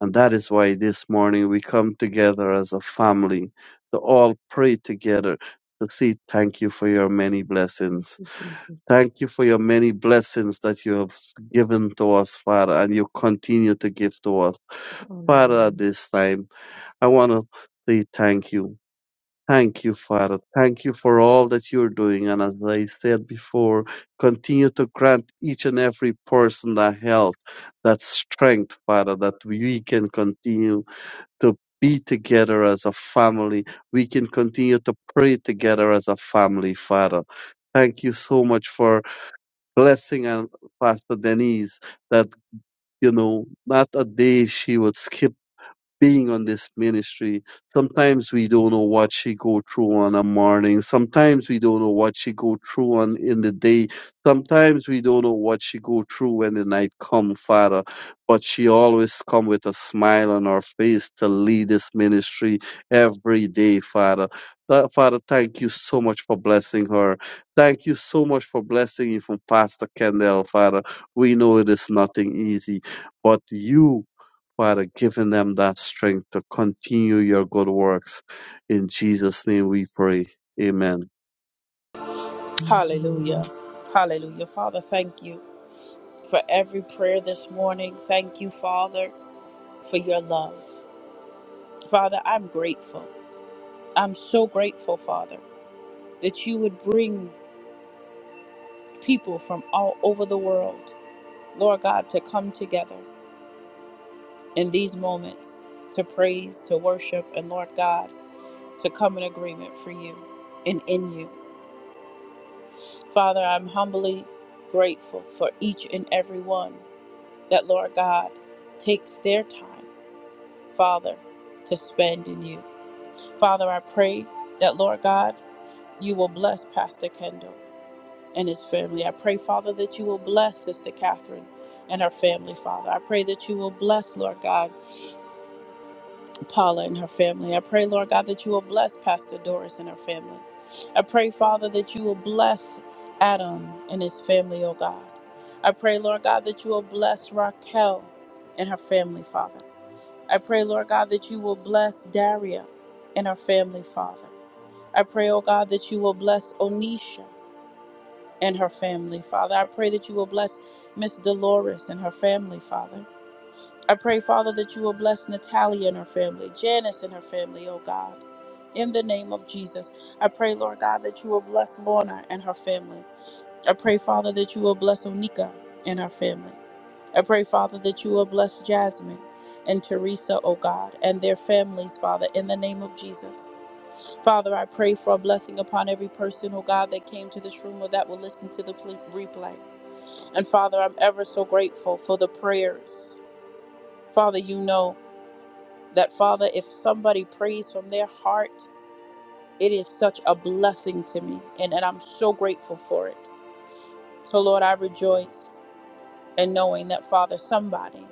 And that is why this morning we come together as a family to all pray together to say thank you for your many blessings. Thank you for your many blessings that you have given to us, Father, and you continue to give to us. Father, at this time, I want to say thank you. Thank you, Father. Thank you for all that you're doing. And as I said before, continue to grant each and every person that health, that strength, Father, that we can continue to be together as a family. We can continue to pray together as a family, Father. Thank you so much for blessing and Pastor Denise that, you know, not a day she would skip being on this ministry. Sometimes we don't know what she go through on a morning. Sometimes we don't know what she go through on in the day. Sometimes we don't know what she go through when the night come, Father. But she always come with a smile on her face to lead this ministry every day, Father. Tha- Father, thank you so much for blessing her. Thank you so much for blessing even Pastor Kendall, Father. We know it is nothing easy, but you Father, giving them that strength to continue your good works. In Jesus' name we pray. Amen. Hallelujah. Hallelujah. Father, thank you for every prayer this morning. Thank you, Father, for your love. Father, I'm grateful. I'm so grateful, Father, that you would bring people from all over the world, Lord God, to come together in these moments to praise, to worship, and Lord God, to come in agreement for you and in you. Father, I'm humbly grateful for each and every one that, Lord God, takes their time Father, to spend in you. Father, I pray that, Lord God, you will bless Pastor Kendall and his family. I pray, Father, that you will bless Sister Catherine and her family, Father. I pray that you will bless, Lord God, Paula and her family. I pray, Lord God, that you will bless Pastor Doris and her family. I pray, Father, that you will bless Adam and his family, oh God. I pray, Lord God, that you will bless Raquel and her family, Father. I pray, Lord God, that you will bless Daria and her family, Father. I pray, oh God, that you will bless Onisha and her family, Father. I pray that you will bless Miss Dolores and her family, Father. I pray, Father, that you will bless Natalia and her family, Janice and her family, oh God. In the name of Jesus, I pray, Lord God, that you will bless Lorna and her family. I pray, Father, that you will bless Onika and our family. I pray, Father, that you will bless Jasmine and Teresa, O God, and their families, Father, in the name of Jesus. Father, I pray for a blessing upon every person, O God, that came to this room or that will listen to the pl- replay. And Father, I'm ever so grateful for the prayers. Father, you know that, Father, if somebody prays from their heart, it is such a blessing to me, and, and I'm so grateful for it. So, Lord, I rejoice. and knowing that Father, somebody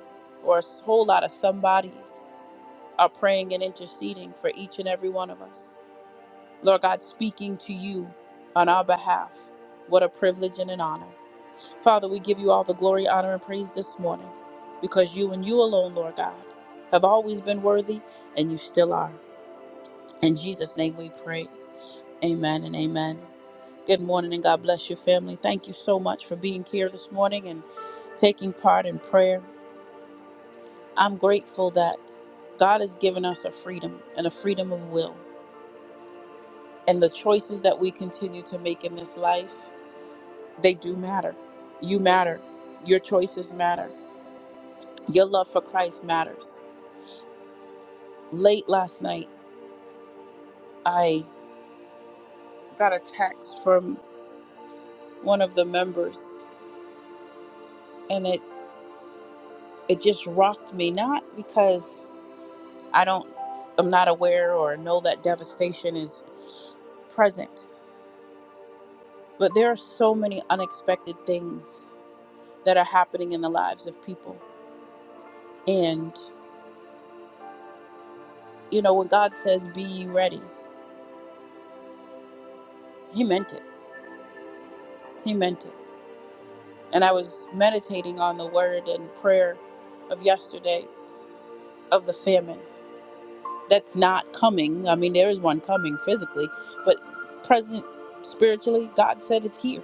or a whole lot of somebodies are praying and interceding for each and every one of us. Lord God, speaking to you on our behalf. What a privilege and an honor. Father, we give you all the glory, honor, and praise this morning because you and you alone, Lord God, have always been worthy and you still are. In Jesus' name we pray. Amen and amen. Good morning and God bless your family. Thank you so much for being here this morning and taking part in prayer. I'm grateful that God has given us a freedom and a freedom of will. And the choices that we continue to make in this life, they do matter. You matter. Your choices matter. Your love for Christ matters. Late last night, I got a text from one of the members and it it just rocked me not because I don't I'm not aware or know that devastation is present, but there are so many unexpected things that are happening in the lives of people. And, you know, when God says, be ye ready, He meant it. He meant it. And I was meditating on the word and prayer of yesterday of the famine that's not coming. I mean, there is one coming physically, but present spiritually, God said it's here.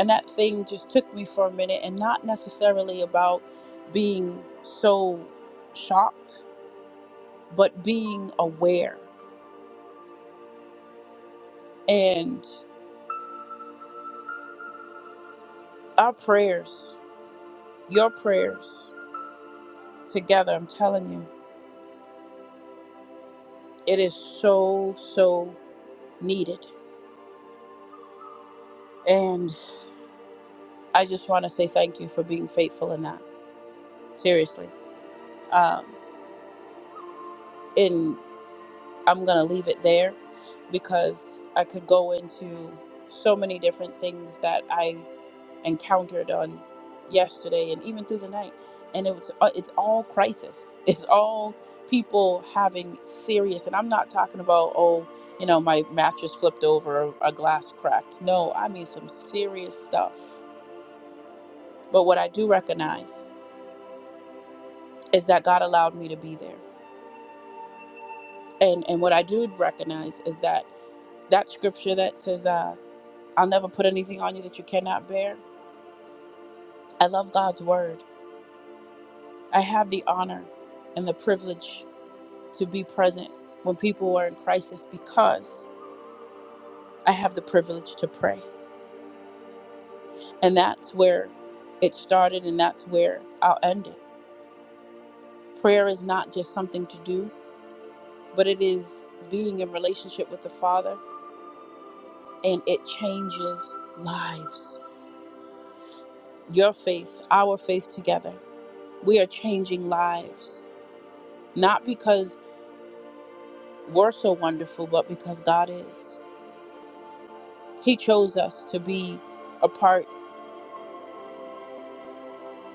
And that thing just took me for a minute and not necessarily about being so shocked, but being aware. And our prayers Your prayers together, I'm telling you, it is so, so needed. And I just want to say thank you for being faithful in that. Seriously. Um, and I'm going to leave it there because I could go into so many different things that I encountered on yesterday and even through the night and it was uh, it's all crisis it's all people having serious and i'm not talking about oh you know my mattress flipped over or a glass cracked no i mean some serious stuff but what i do recognize is that god allowed me to be there and and what i do recognize is that that scripture that says uh, i'll never put anything on you that you cannot bear i love god's word i have the honor and the privilege to be present when people are in crisis because I have the privilege to pray. And that's where it started, and that's where I'll end it. Prayer is not just something to do, but it is being in relationship with the Father, and it changes lives. Your faith, our faith together, we are changing lives, not because we're so wonderful, but because God is. He chose us to be a part.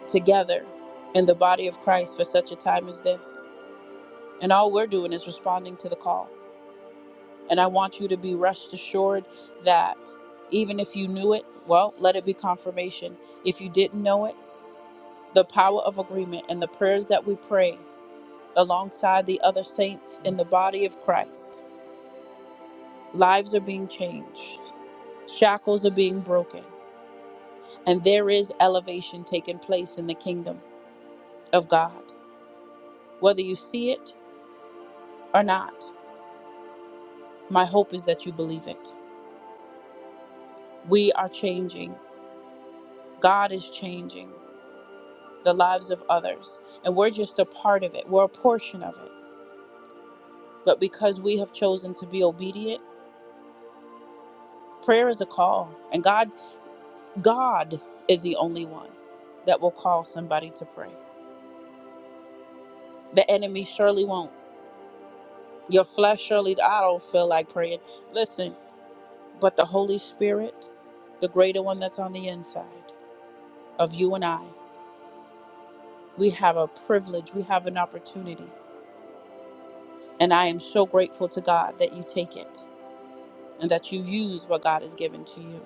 together in the body of Christ for such a time as this. And all we're doing is responding to the call. And I want you to be rest assured that even if you knew it, well, let it be confirmation. If you didn't know it, the power of agreement and the prayers that we pray alongside the other saints in the body of Christ, lives are being changed, shackles are being broken, and there is elevation taking place in the kingdom of God, whether you see it or not. My hope is that you believe it. We are changing. God is changing the lives of others. And we're just a part of it, we're a portion of it. But because we have chosen to be obedient, prayer is a call. And God, God is the only one that will call somebody to pray. The enemy surely won't. Your flesh surely, I don't feel like praying. Listen, but the Holy Spirit, the greater one that's on the inside of you and I, we have a privilege, we have an opportunity And I am so grateful to God that you take it and that you use what God has given to you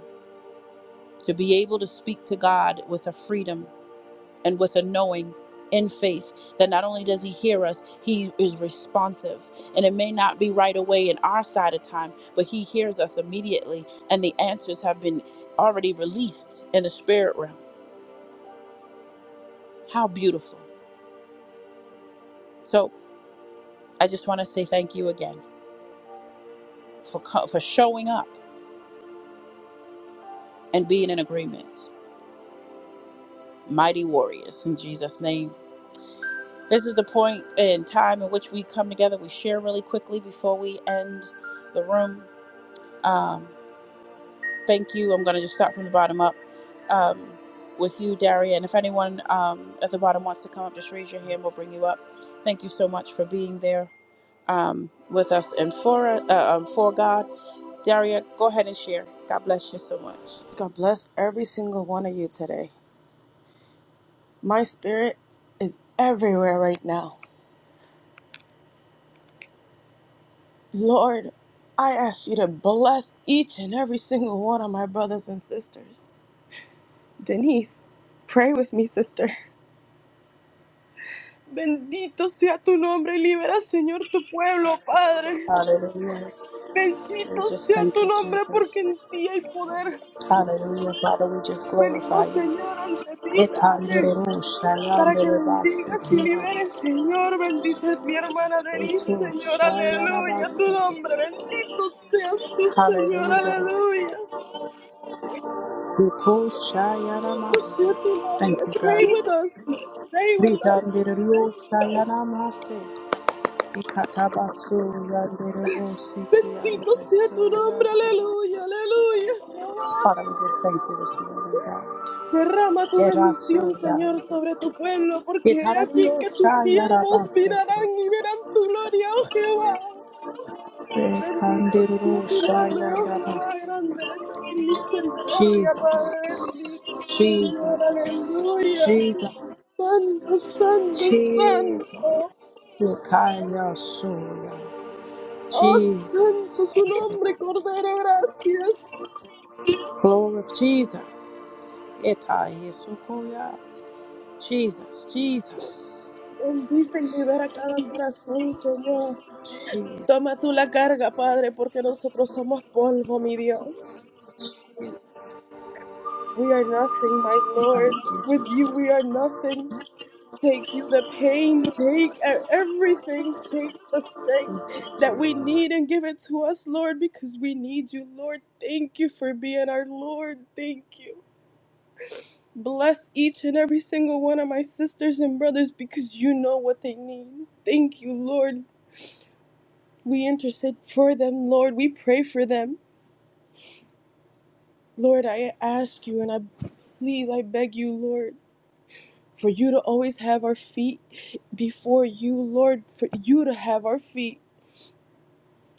to be able to speak to God with a freedom and with a knowing in faith that not only does he hear us he is responsive and it may not be right away in our side of time but he hears us immediately and the answers have been already released in the spirit realm how beautiful so i just want to say thank you again for co- for showing up and being in agreement mighty warriors in jesus name This is the point in time in which we come together. We share really quickly before we end the room. Um, thank you. I'm going to just start from the bottom up um, with you, Daria. And if anyone um, at the bottom wants to come up, just raise your hand. We'll bring you up. Thank you so much for being there um, with us and for uh, um, for God. Daria, go ahead and share. God bless you so much. God bless every single one of you today. My spirit is everywhere right now. Lord, I ask you to bless each and every single one of my brothers and sisters. Denise, pray with me, sister. Bendito sea tu nombre, libera, Señor, tu pueblo, Padre. Hallelujah. We Bendito just sea thank tu you, nombre, Jesus. porque en ti hay poder. Hallelujah, Father, we just glorify Venimos, you. Señor, ante ti, Padre. Etanderuru Para que shayanderebasi bendigas y kiwa. liberes, Señor. Bendice mi hermana Etu Denise, Señor. Aleluya. Tu shayanabasi. nombre. Bendito seas tú, Señor. Hallelujah. Aleluya. Etu Bendito shayanamasi. sea tu nombre. Thank you, Pray God. with us. Pray with us. Ritanderuru shayanamasi. Ikatabasu yanderebu siki Bendito sea yanderesu tu nombre. yanderebu. Aleluya. Aleluya. Jehová. Father, we just thank you this morning, God. Derrama tu Erasu bendición, Señor, yanderebu. sobre tu pueblo, porque he Etarariyo aquí que tus siervos shayanabasi. mirarán y verán tu gloria, oh Jehová. Bendito Etanderuru sea tu nombre, oh Jehová, shayanabasi. grande eres tu misericordia, Jesus, Padre bendito, Señor, Jesus, aleluya. Jesus, Santo, santo, santo. Jesus. Nikaya Soya. Oh, santo Jesus. tu nombre, Cordero, gracias. Glory Jesus. Eta Yesukoya. Jesus, Jesus, Bendice y libera cada corazón, Señor. Jesus. Toma tú la carga, Padre, porque nosotros somos polvo, mi Dios. Jesus. We are nothing, my Thank Lord. With you, you we are nothing. Take you the pain, take e- everything, take the strength that we Jesus. need and give it to us, Lord, because we need you, Lord. Thank you for being our Lord. Thank you. Bless each and every single one of my sisters and brothers because you know what they need. Thank you, Lord. We intercede for them, Lord. We pray for them. Lord, I ask you and I please, I beg you, Lord, for you to always have our feet before you, Lord, for you to have our feet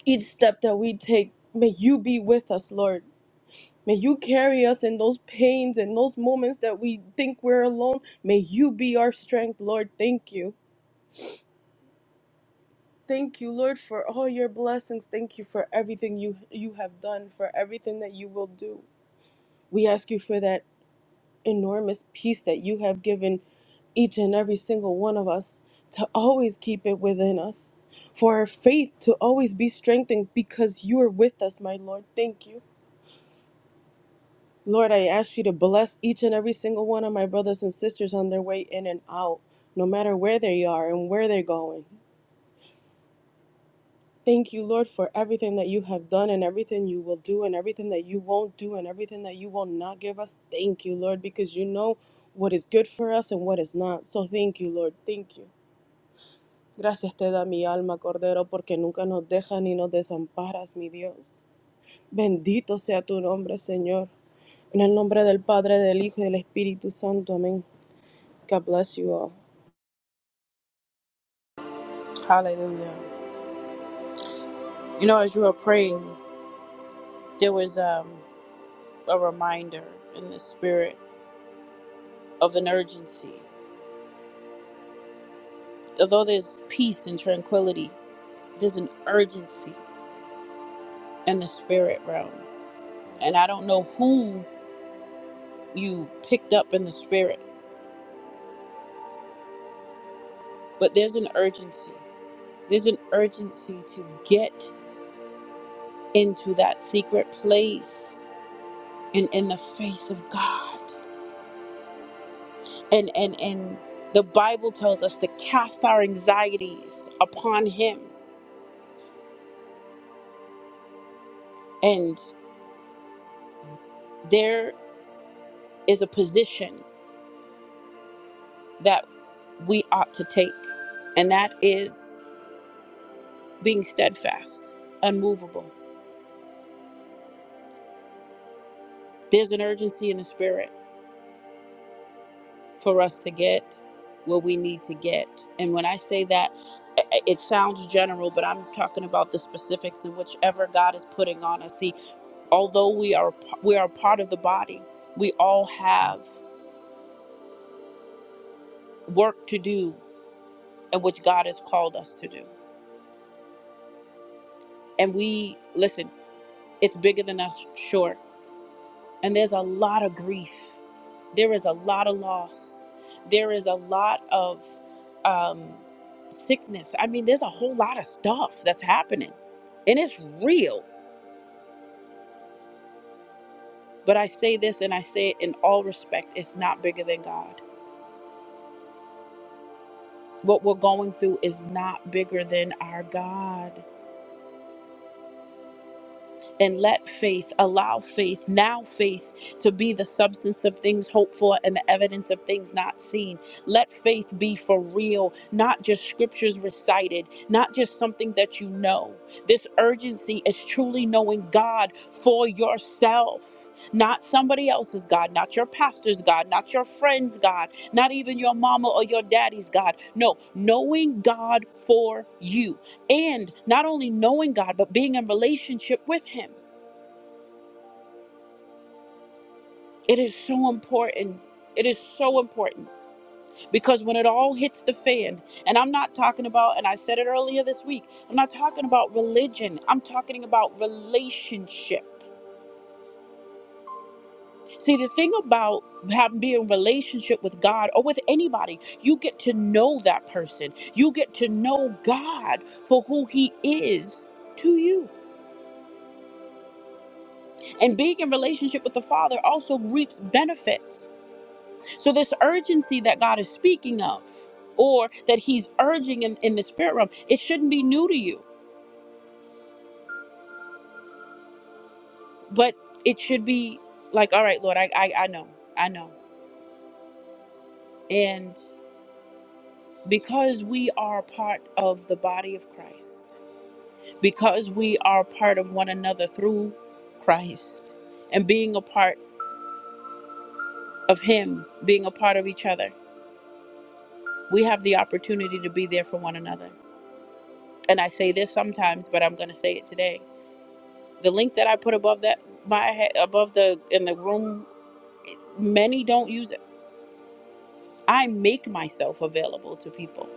each step that we take, may you be with us, Lord. May you carry us in those pains and those moments that we think we're alone. May you be our strength, Lord. Thank you. Thank you, Lord, for all your blessings. Thank you for everything you you have done, for everything that you will do. We ask you for that enormous peace that you have given each and every single one of us to always keep it within us, for our faith to always be strengthened because you are with us, my Lord. Thank you. Lord, I ask you to bless each and every single one of my brothers and sisters on their way in and out, no matter where they are and where they're going. Thank you, Lord, for everything that you have done and everything you will do and everything that you won't do and everything that you will not give us. Thank you, Lord, because you know what is good for us and what is not. So thank you, Lord. Thank you. Gracias te da mi alma, Cordero, porque nunca nos dejas ni nos desamparas, mi Dios. Bendito sea tu nombre, Señor. En el nombre del Padre, del Hijo y del Espíritu Santo. Amén. God bless you all. Hallelujah. You know, as you were praying, there was um, a reminder in the spirit of an urgency. Although there's peace and tranquility, there's an urgency. in the spirit realm. And I don't know whom you picked up in the spirit, but there's an urgency. There's an urgency to get into that secret place and in the face of God. And and and the Bible tells us to cast our anxieties upon him. And there is a position that we ought to take, and that is being steadfast, unmovable. There's an urgency in the spirit for us to get what we need to get. And when I say that, i- i- it sounds general, but I'm talking about the specifics in whichever God is putting on us. See, although we are p- we are part of the body, we all have work to do in which God has called us to do. And we listen, it's bigger than us, sure And there's a lot of grief. There is a lot of loss. There is a lot of um, sickness. I mean, there's a whole lot of stuff that's happening, and it's real. But I say this and I say it in all respect it's not bigger than God. What we're going through is not bigger than our God. and let faith allow faith now faith to be the substance of things hoped for and the evidence of things not seen let faith be for real not just scriptures recited not just something that you know this urgency is truly knowing god for yourself not somebody else's god not your pastor's god not your friend's god not even your mama or your daddy's god no knowing god for you and not only knowing God, but being in relationship with Him. It is so important. It is so important because when it all hits the fan, and I'm not talking about, and I said it earlier this week, I'm not talking about religion. I'm talking about relationship. See, the thing about having being in relationship with God or with anybody, you get to know that person. You get to know God for who He is to you. And being in relationship with the Father also reaps benefits So, this urgency that God is speaking of, or that He's urging in, in the spirit realm, it shouldn't be new to you, but it should be like, all right, Lord, I, I, I know, I know. And because we are part of the body of Christ, because we are part of one another through Christ, and being a part of Him, being a part of each other, we have the opportunity to be there for one another. And I say this sometimes, but I'm going to say it today the link that I put above that my head above the in the room, many don't use it. I make myself available to people.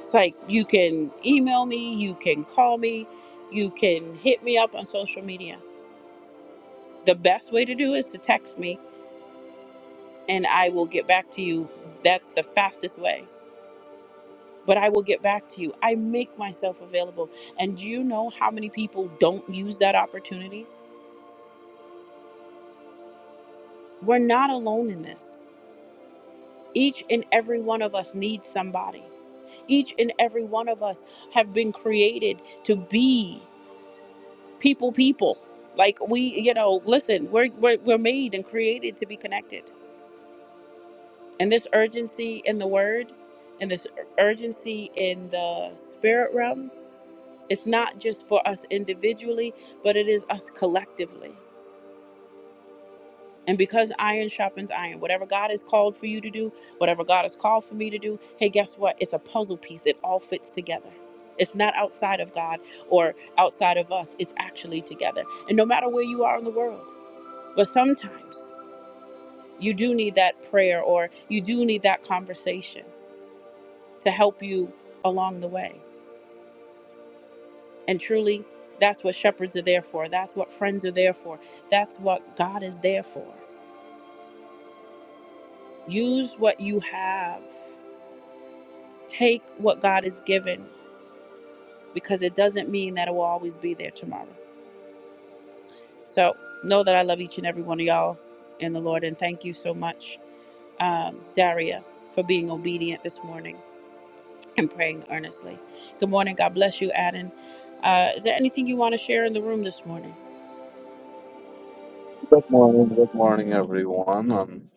It's like you can email me, you can call me, you can hit me up on social media. The best way to do is to text me and I will get back to you. That's the fastest way. But I will get back to you. I make myself available. And do you know how many people don't use that opportunity? We're not alone in this. Each and every one of us needs somebody each and every one of us have been created to be people people like we you know listen we're we're, we're made and created to be connected and this urgency in the word and this ur- urgency in the spirit realm it's not just for us individually but it is us collectively And because iron sharpens iron, whatever God has called for you to do, whatever God has called for me to do, hey, guess what? It's a puzzle piece. It all fits together. It's not outside of God or outside of us. It's actually together. And no matter where you are in the world, but sometimes you do need that prayer or you do need that conversation to help you along the way. And truly, that's what shepherds are there for. That's what friends are there for. That's what God is there for. Use what you have Take what God has given because it doesn't mean that it will always be there tomorrow. So know that I love each and every one of y'all in the Lord. And thank you so much, um, Daria, for being obedient this morning and praying earnestly. Good morning. God bless you, Adam. Uh, is there anything you want to share in the room this morning? Good morning, good morning, everyone, and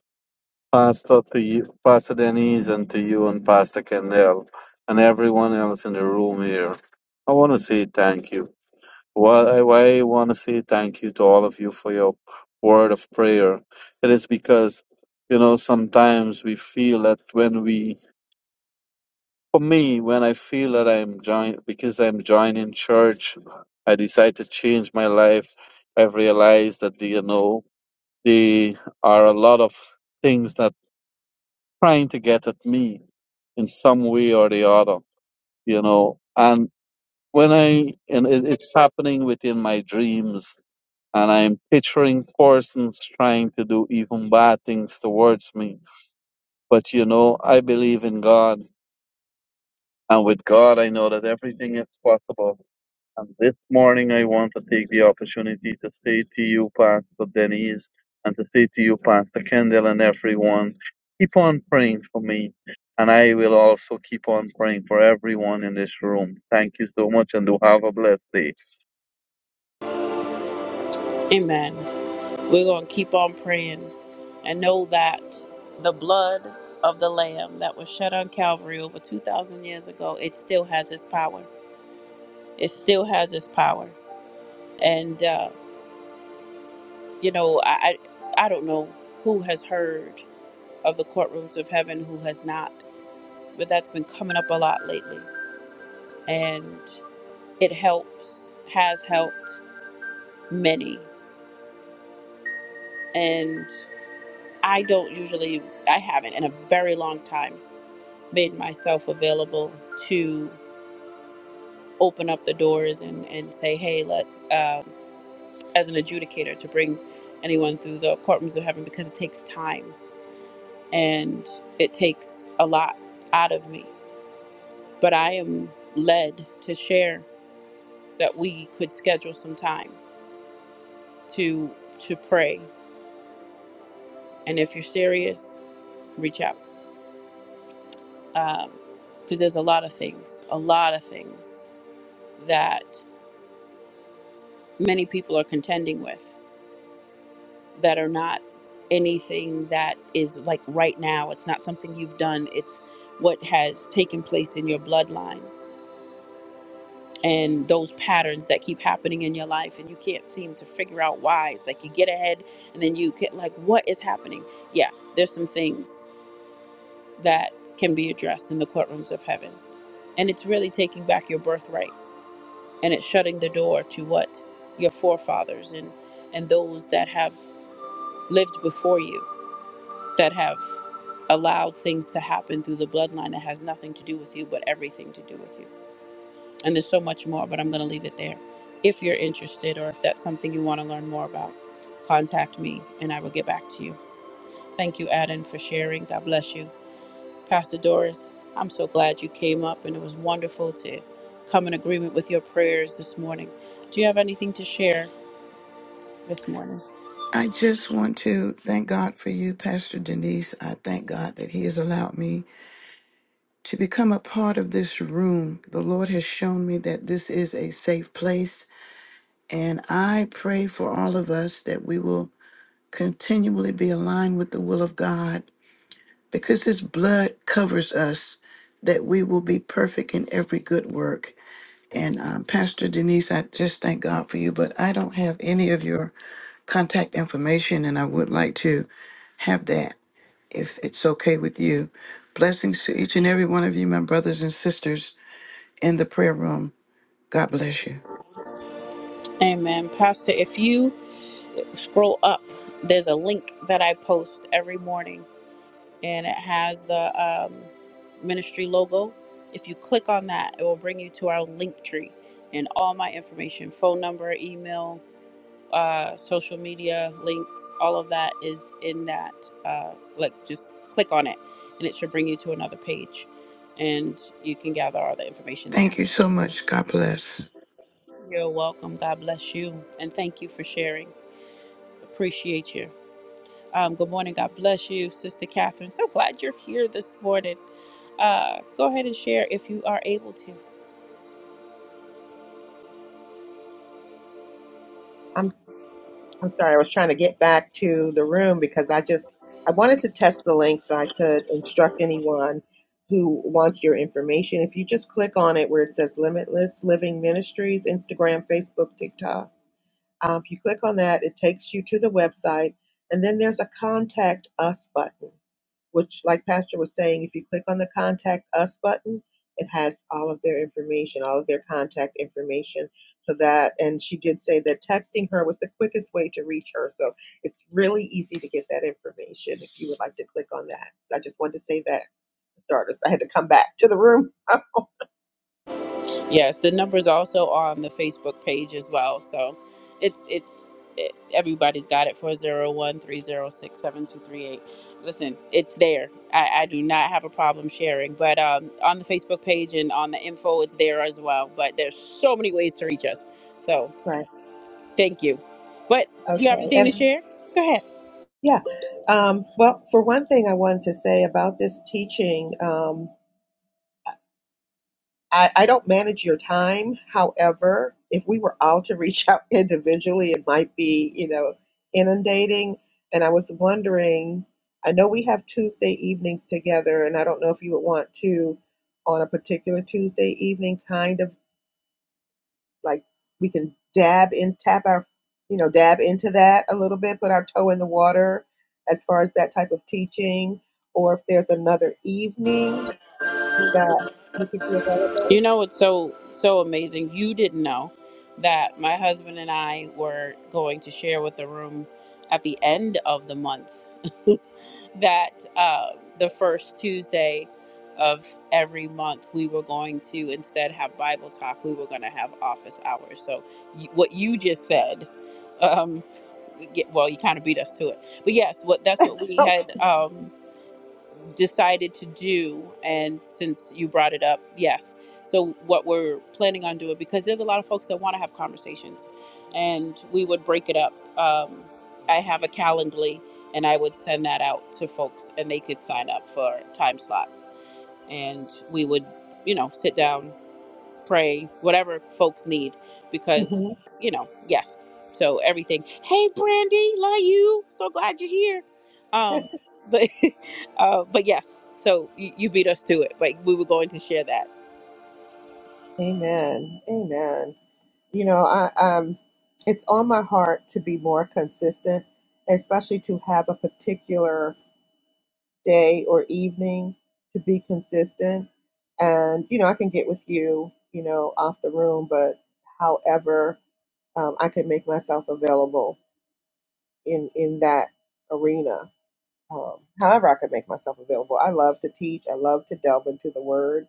Pastor to you, Pastor Denise, and to you and Pastor Kendall, and everyone else in the room here. I want to say thank you. Well, I, I want to say thank you to all of you for your word of prayer. It is because you know sometimes we feel that when we For me, when I feel that I'm join because I'm joining church, I decide to change my life. I've realized that you know there are a lot of things that trying to get at me in some way or the other, you know. And when I and it, it's happening within my dreams, and I'm picturing persons trying to do even bad things towards me. But you know, I believe in God, and with God, I know that everything is possible And this morning, I want to take the opportunity to say to you, Pastor Denise, and to say to you, Pastor Kendall, and everyone, keep on praying for me. And I will also keep on praying for everyone in this room. Thank you so much, and do have a blessed day. Amen. We're going to keep on praying and know that the blood of the Lamb that was shed on Calvary over 2,000 years ago, it still has its power. It still has its power. And, uh, you know, I, I, I don't know who has heard of the courtrooms of heaven, who has not, but that's been coming up a lot lately. And it helps, has helped many. And I don't usually, I haven't in a very long time made myself available to open up the doors and, and say, hey, let, um as an adjudicator, to bring anyone through the courtrooms of heaven because it takes time and it takes a lot out of me. But I am led to share that we could schedule some time to to pray. And if you're serious, reach out Um, because there's a lot of things, a lot of things that many people are contending with that are not anything that is like right now. It's not something you've done. It's what has taken place in your bloodline and those patterns that keep happening in your life and you can't seem to figure out why it's like you get ahead and then you get like what is happening yeah there's some things that can be addressed in the courtrooms of heaven and it's really taking back your birthright and it's shutting the door to what your forefathers and and those that have lived before you that have allowed things to happen through the bloodline that has nothing to do with you but everything to do with you And there's so much more, but I'm going to leave it there. If you're interested or if that's something you want to learn more about, contact me and I will get back to you. Thank you, Adam, for sharing. God bless you. Pastor Doris, I'm so glad you came up and it was wonderful to come in agreement with your prayers this morning. Do you have anything to share this morning? I just want to thank God for you, Pastor Denise. I thank God that He has allowed me to become a part of this room. The Lord has shown me that this is a safe place. And I pray for all of us that we will continually be aligned with the will of God because His blood covers us, that we will be perfect in every good work. And um, Pastor Denise, I just thank God for you, but I don't have any of your contact information, and I would like to have that if it's okay with you. Blessings to each and every one of you, my brothers and sisters in the prayer room. God bless you. Amen. Pastor, if you scroll up, there's a link that I post every morning and it has the um, ministry logo. If you click on that, it will bring you to our link tree and all my information phone number, email, uh, social media links, all of that is in that. Uh, like, just click on it and it should bring you to another page and you can gather all the information there. Thank you so much. God bless. You're welcome. God bless you and thank you for sharing. Appreciate you. Um, good morning. God bless you, Sister Catherine. So glad you're here this morning. Uh, go ahead and share if you are able to. I'm I'm sorry, I was trying to get back to the room because I just I wanted to test the link so I could instruct anyone who wants your information. If you just click on it where it says Limitless Living Ministries, Instagram, Facebook, TikTok, um, if you click on that, it takes you to the website, and then there's a contact us button. which, like Pastor was saying, if you click on the contact us button, it has all of their information, all of their contact information. So that, and she did say that texting her was the quickest way to reach her. So it's really easy to get that information if you would like to click on that. So I just wanted to say that for starters. I had to come back to the room. Yes, the number's also on the Facebook page as well. So it's it's it, everybody's got it four zero one three zero six seven two three eight. Listen, it's there. I, I do not have a problem sharing, but um, on the Facebook page and on the info, it's there as well. But there's so many ways to reach us. So right. thank you. But do you have Okay. anything to And share? Go ahead. yeah. Um, well, for one thing, I wanted to say about this teaching. Um, I, I don't manage your time. However, if we were all to reach out individually, it might be, you know, inundating. And I was wondering, I know we have Tuesday evenings together, and I don't know if you would want to, on a particular Tuesday evening, kind of like we can dab in, tap our, you know, dab into that a little bit, put our toe in the water as far as that type of teaching, or if there's another evening that you could be You available. know it's so so amazing? You didn't know that my husband and I were going to share with the room at the end of the month that uh, the first Tuesday of every month we were going to instead have Bible talk. We were going to have office hours. So you, what you just said, um, y- well, you kind of beat us to it. But yes, what that's what we Oh. had. Um, decided to do and since you brought it up yes so what we're planning on doing because there's a lot of folks that want to have conversations and we would break it up um, i have a calendly and i would send that out to folks and they could sign up for time slots and we would you know sit down pray, whatever folks need, mm-hmm. because you know, yes. So everything. Hey, Brandy, love you. So glad you're here. Um, but uh, but yes. So you, you beat us to it, but we were going to share that. Amen. Amen. You know, I um it's on my heart to be more consistent, especially to have a particular day or evening to be consistent. And you know, I can get with you, you know, off the room, but however um, I could make myself available in in that arena um, however I could make myself available. I love to teach. I love to delve into the Word,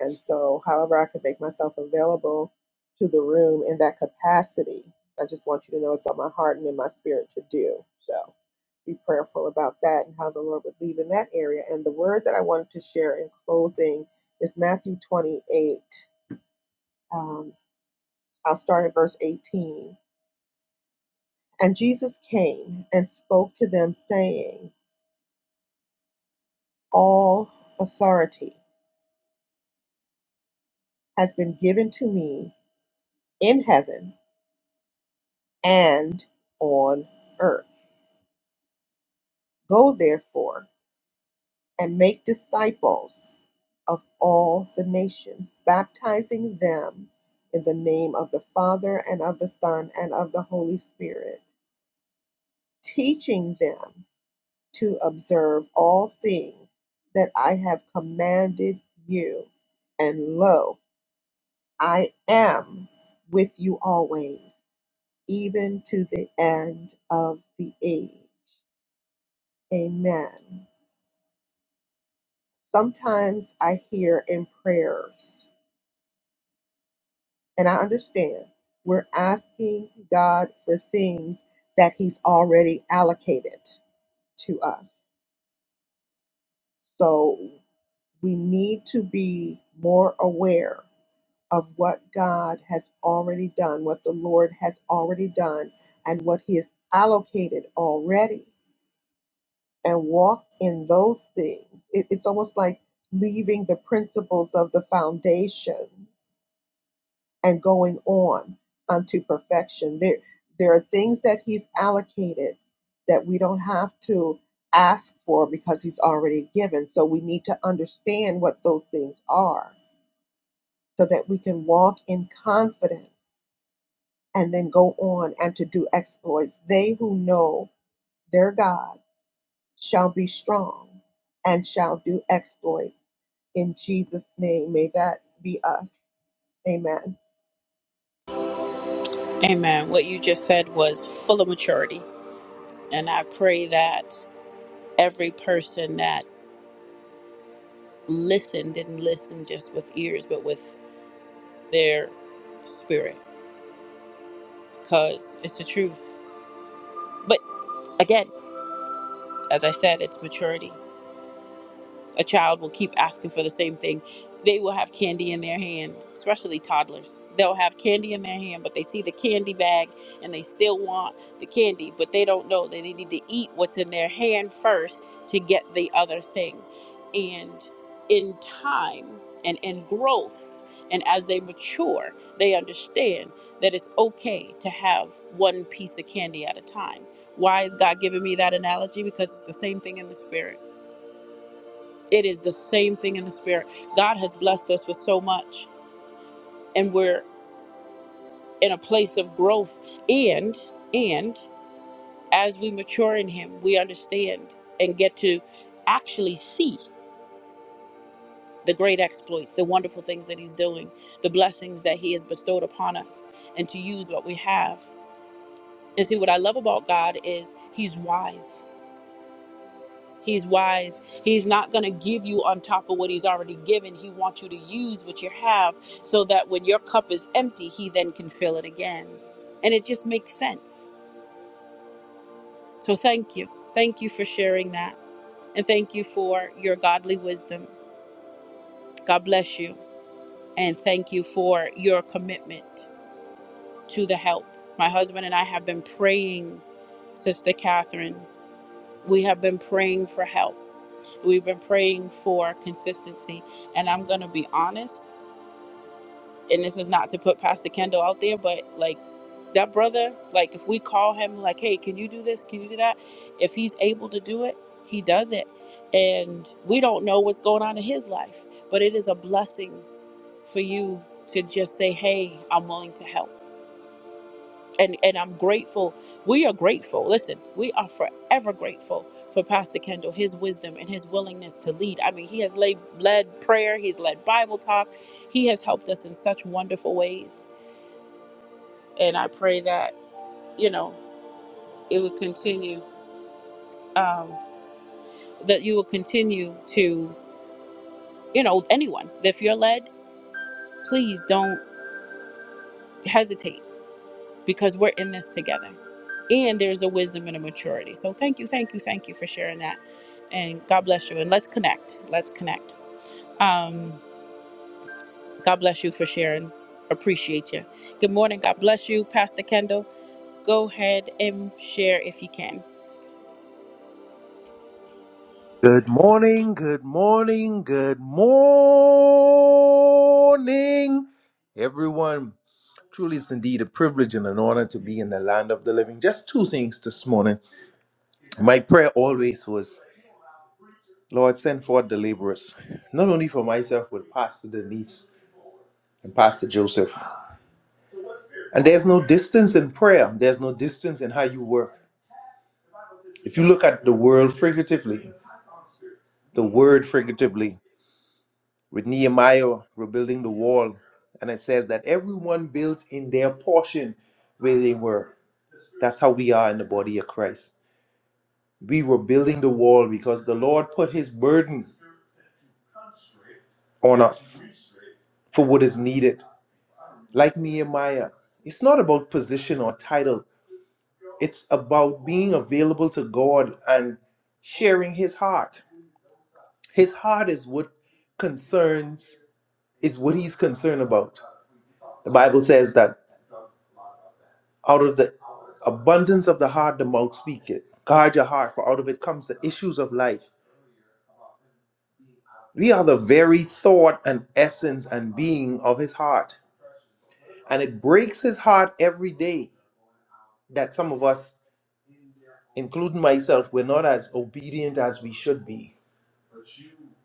and so however I could make myself available to the room in that capacity, I just want you to know it's on my heart and in my spirit to do. So be prayerful about that and how the Lord would lead in that area. And the word that I wanted to share in closing is Matthew 28. Um, I'll start at verse 18. And Jesus came and spoke to them, saying, All authority. has been given to me in heaven and on earth. Go therefore and make disciples of all the nations, baptizing them in the name of the Father and of the Son and of the Holy Spirit, teaching them to observe all things that I have commanded you. And lo, I am with you always, even to the end of the age. Amen. Sometimes I hear in prayers, and I understand we're asking God for things that He's already allocated to us. So we need to be more aware of what God has already done, what the Lord has already done, and what He has allocated already, and walk in those things. It- it's almost like leaving the principles of the foundation and going on unto perfection. There, there are things that He's allocated that we don't have to ask for because He's already given. So we need to understand what those things are so that we can walk in confidence and then go on and to do exploits. They who know their God shall be strong and shall do exploits. In Jesus' name, may that be us. Amen. Amen. What you just said was full of maturity, and I pray that every person that listened didn't listen just with ears, but with their spirit, because it's the truth. But again, as I said, it's maturity a child will keep asking for the same thing, they will have candy in their hand, especially toddlers. They'll have candy in their hand, but they see the candy bag and they still want the candy, but they don't know that they need to eat what's in their hand first to get the other thing. And in time and in growth, and as they mature, they understand that it's okay to have one piece of candy at a time. Why is God giving me that analogy? Because it's the same thing in the spirit it is the same thing in the spirit. God has blessed us with so much and we're in a place of growth and and as we mature in him, we understand and get to actually see the great exploits, the wonderful things that he's doing, the blessings that he has bestowed upon us and to use what we have. And see what I love about God is he's wise He's wise. He's not going to give you on top of what he's already given. He wants you to use what you have so that when your cup is empty, he then can fill it again. And it just makes sense. So thank you. Thank you for sharing that. And thank you for your godly wisdom. God bless you. And thank you for your commitment to the help. My husband and I have been praying, Sister Catherine. We have been praying for help We've been praying for consistency. And I'm going to be honest, and this is not to put Pastor Kendall out there, but like that brother, like if we call him, like, hey, can you do this? Can you do that? If he's able to do it, he does it. And we don't know what's going on in his life, but it is a blessing for you to just say, hey, I'm willing to help and and I'm grateful. We are grateful. Listen, we are forever grateful for Pastor Kendall, his wisdom and his willingness to lead. I mean, he has laid, led prayer, he's led Bible talk, he has helped us in such wonderful ways, and I pray that you know it would continue. Um, that you will continue to, you know, anyone. If you're led, please don't hesitate because we're in this together. And there's a wisdom and a maturity. So thank you, thank you, thank you for sharing that. And God bless you. And let's connect. Let's connect. Um, God bless you for sharing. Appreciate you. Good morning. God bless you, Pastor Kendall. Go ahead and share if you can. Good morning, good morning, good morning, everyone. Truly, it's indeed a privilege and an honor to be in the land of the living. Just two things this morning. My prayer always was, Lord, send forth the laborers, not only for myself, but Pastor Denise and Pastor Joseph. And there's no distance in prayer, there's no distance in how you work. If you look at the world figuratively, the word figuratively. with Nehemiah rebuilding the wall. And it says that everyone built in their portion where they were. That's how we are in the body of Christ. We were building the wall because the Lord put his burden on us for what is needed. Like Nehemiah, it's not about position or title, it's about being available to God and sharing his heart. His heart is what concerns, is what he's concerned about. The Bible says that Out of the abundance of the heart, the mouth speaketh. Guard your heart, for out of it comes the issues of life. We are the very thought and essence and being of his heart. And it breaks his heart every day that some of us, including myself, we're not as obedient as we should be.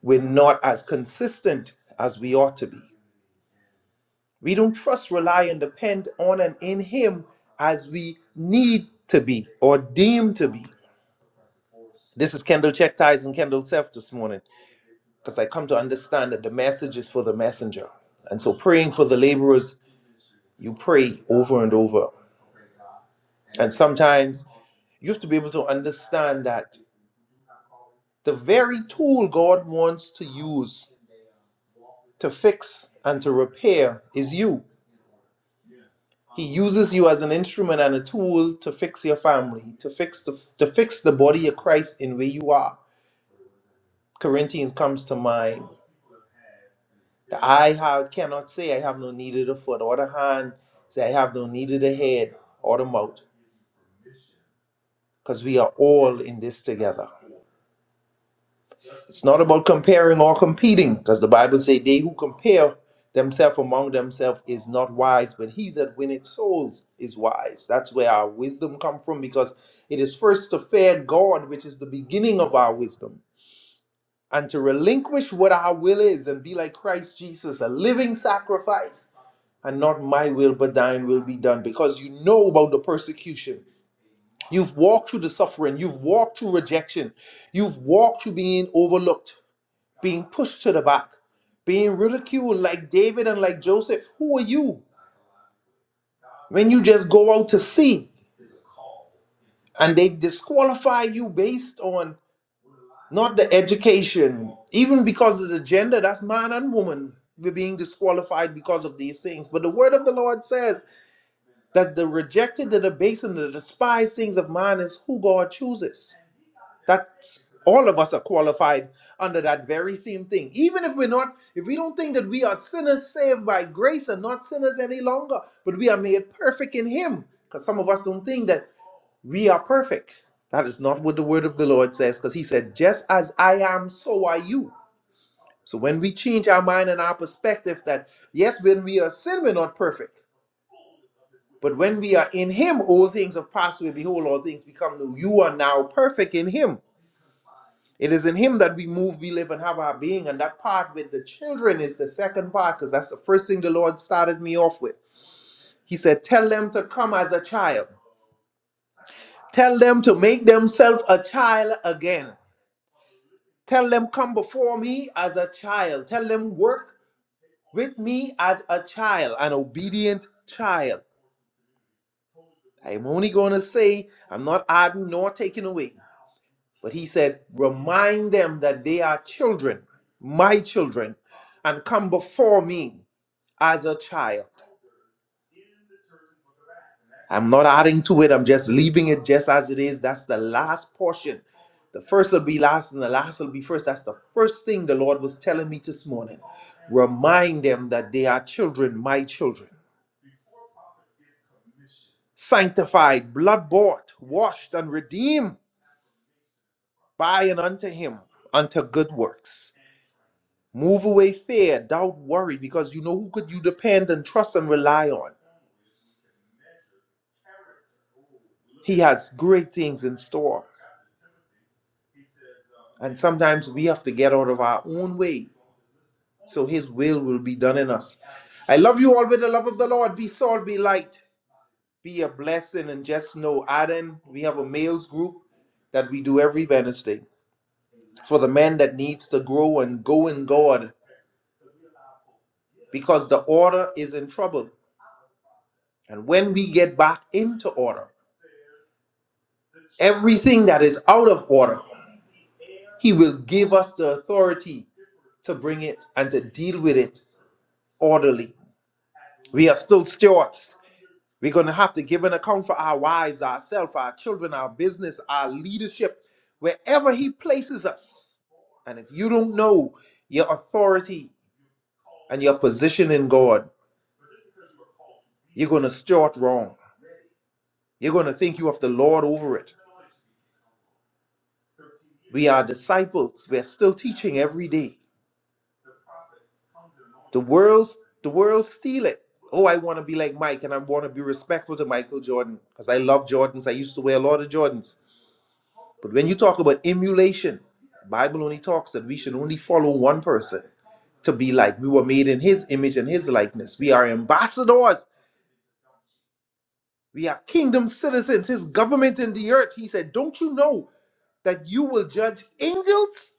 We're not as consistent as we ought to be. We don't trust, rely, and depend on and in him as we need to be or deem to be. This is Kendall Check Ties and Kendall Self this morning. because I come to understand that the message is for the messenger. And so praying for the laborers, you pray over and over. And sometimes you have to be able to understand that the very tool God wants to use to fix and to repair is you. He uses you as an instrument and a tool to fix your family, to fix the to fix the body of Christ in where you are. Corinthians comes to mind. I have, cannot say, I have no need of the foot, or the hand say, I have no need of the head, or the mouth, because we are all in this together. It's not about comparing or competing, because the Bible says, they who compare themselves among themselves is not wise, but he that winneth souls is wise. That's where our wisdom come from, because it is first to fear God, which is the beginning of our wisdom, and to relinquish what our will is and be like Christ Jesus, a living sacrifice and not my will but thine will be done because you know about the persecution you've walked through the suffering you've walked through rejection you've walked through being overlooked being pushed to the back being ridiculed like david and like joseph who are you when you just go out to sea and they disqualify you based on not the education even because of the gender that's man and woman we're being disqualified because of these things but the word of the lord says that the rejected, the debased, and the despised things of man is who God chooses. That's all of us are qualified under that very same thing. Even if we're not, if we don't think that we are sinners saved by grace and not sinners any longer, but we are made perfect in Him. Because some of us don't think that we are perfect. That is not what the word of the Lord says, because He said, Just as I am, so are you. So when we change our mind and our perspective that, yes, when we are sin, we're not perfect. But when we are in Him, all things have passed away. Behold, all things become new. You are now perfect in Him. It is in Him that we move, we live, and have our being. And that part with the children is the second part because that's the first thing the Lord started me off with. He said, Tell them to come as a child. Tell them to make themselves a child again. Tell them, Come before me as a child. Tell them, Work with me as a child, an obedient child. I'm only going to say, I'm not adding nor taking away. But he said, Remind them that they are children, my children, and come before me as a child. I'm not adding to it, I'm just leaving it just as it is. That's the last portion. The first will be last, and the last will be first. That's the first thing the Lord was telling me this morning. Remind them that they are children, my children, sanctified, blood bought, washed, and redeemed by and unto Him, unto good works. Move away fear, doubt, worry, because you know who could you depend and trust and rely on. He has great things in store. And sometimes we have to get out of our own way so His will will be done in us. I love you all with the love of the Lord. Be salt, be light, be a blessing. And just know, Adam, we have a males group that we do every Wednesday for the man that needs to grow and go in God because the order is in trouble. And when we get back into order, everything that is out of order He will give us the authority to bring it and to deal with it orderly. We are still stewards. We're going to have to give an account for our wives, ourselves, our children, our business, our leadership, wherever He places us. And if you don't know your authority and your position in God, you're going to steward wrong. You're going to think you have the Lord over it. We are disciples. We're still teaching every day. The world's the world steal it. Oh, I want to be like Mike and I want to be respectful to Michael Jordan because I love Jordans. I used to wear a lot of Jordans. But when you talk about emulation, the Bible only talks that we should only follow one person to be like. We were made in his image and his likeness. We are ambassadors. We are kingdom citizens, his government in the earth. He said, Don't you know that you will judge angels?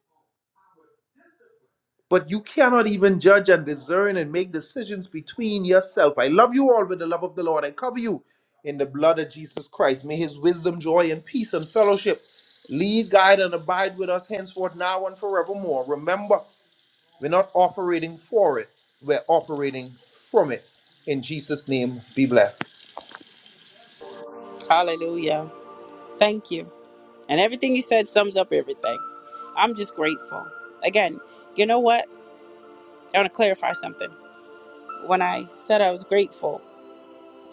but you cannot even judge and discern and make decisions between yourself. I love you all with the love of the Lord. I cover you in the blood of Jesus Christ. May his wisdom, joy, and peace and fellowship lead, guide, and abide with us henceforth, now, and forevermore. Remember, we're not operating for it, we're operating from it. In Jesus' name, be blessed. Hallelujah. Thank you. And everything you said sums up everything. I'm just grateful. Again, you know what? I want to clarify something. When I said I was grateful,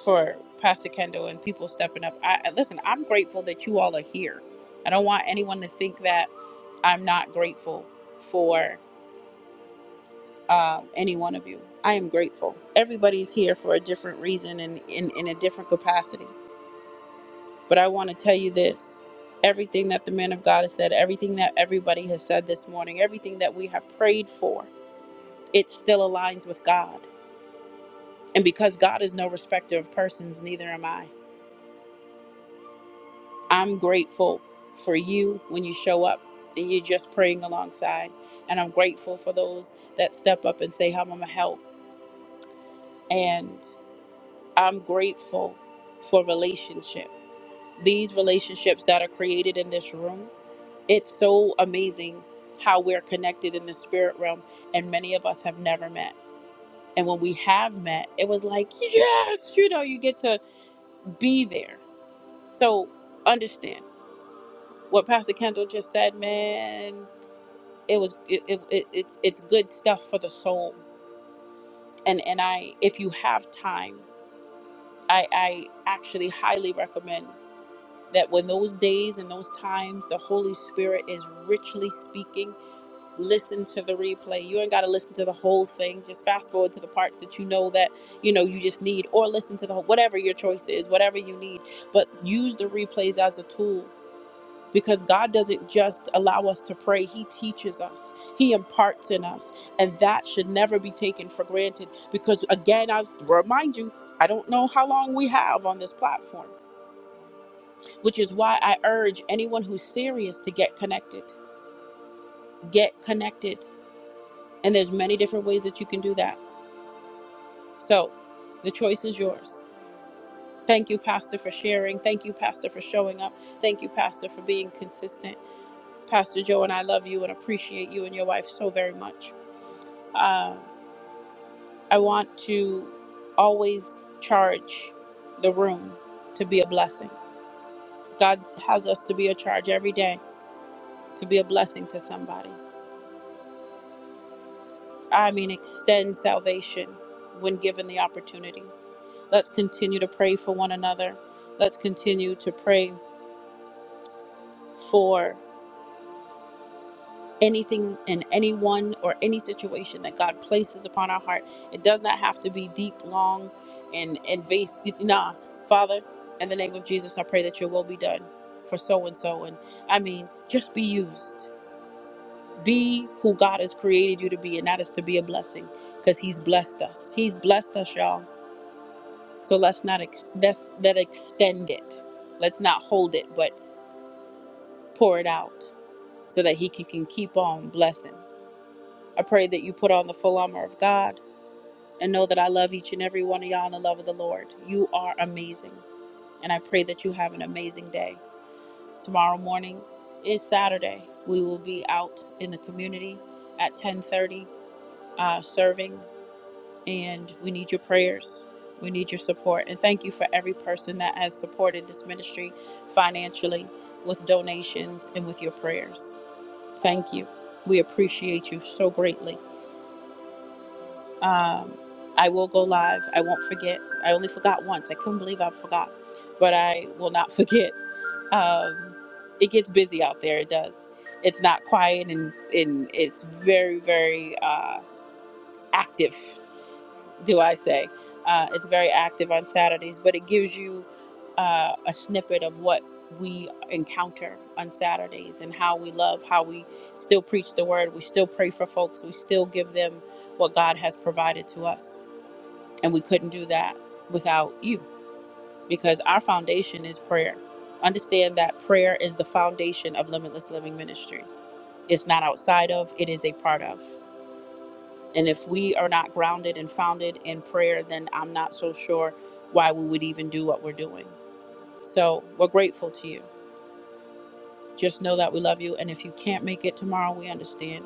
for Pastor Kendall and people stepping up. I listen, I'm grateful that you all are here. I don't want anyone to think that I'm not grateful for um, any one of you. I am grateful. Everybody's here for a different reason and in, in a different capacity. But I want to tell you this everything that the man of God has said, everything that everybody has said this morning, everything that we have prayed for, it still aligns with God. And because God is no respecter of persons, neither am I. I'm grateful for you when you show up and you're just praying alongside. And I'm grateful for those that step up and say, How am I gonna help? And I'm grateful for relationship. These relationships that are created in this room, it's so amazing how we're connected in the spirit realm and many of us have never met. And when we have met, it was like, yes, you know, you get to be there. So understand what Pastor Kendall just said, man. it was it, it, it- it's it's good stuff for the soul and and i if you have time i i actually highly recommend that when those days and those times the holy spirit is richly speaking listen to the replay you ain't got to listen to the whole thing just fast forward to the parts that you know that you know you just need or listen to the whole whatever your choice is whatever you need but use the replays as a tool because God doesn't just allow us to pray, He teaches us, He imparts in us. And that should never be taken for granted because, again, I remind you, I don't know how long we have on this platform, which is why I urge anyone who's serious to get connected. Get connected. And there's many different ways that you can do that. So the choice is yours. Thank you, Pastor, for sharing. Thank you, Pastor, for showing up. Thank you, Pastor, for being consistent. Pastor Joe and I love you and appreciate you and your wife so very much. Um, I want to always charge the room to be a blessing. God has us to be a charge every day to be a blessing to somebody. I mean, extend salvation when given the opportunity. Let's continue to pray for one another. Let's continue to pray for anything and anyone or any situation that God places upon our heart. It does not have to be deep, long, and invasive. Nah, Father, in the name of Jesus, I pray that your will be done for so and so. And I mean, just be used. Be who God has created you to be, and that is to be a blessing because He's blessed us. He's blessed us, y'all. So let's not ex- let's, let extend it. Let's not hold it, but pour it out so that He can can keep on blessing. I pray that you put on the full armor of God and know that I love each and every one of y'all in the love of the Lord. You are amazing. And I pray that you have an amazing day. Tomorrow morning is Saturday. We will be out in the community at 1030 uh, serving and we need your prayers. We need your support. And thank you for every person that has supported this ministry financially with donations and with your prayers. Thank you. We appreciate you so greatly. Um, I will go live. I won't forget. I only forgot once. I couldn't believe I forgot, but I will not forget. Um, it gets busy out there. It does. It's not quiet and, and it's very, very uh, active, do I say. Uh, it's very active on Saturdays, but it gives you uh, a snippet of what we encounter on Saturdays and how we love, how we still preach the word, we still pray for folks, we still give them what God has provided to us and we couldn't do that without you because our foundation is prayer. Understand that prayer is the foundation of Limitless Living Ministries. It's not outside of, it is a part of. And if we are not grounded and founded in prayer, then I'm not so sure why we would even do what we're doing. So we're grateful to you. Just know that we love you. And if you can't make it tomorrow, we understand.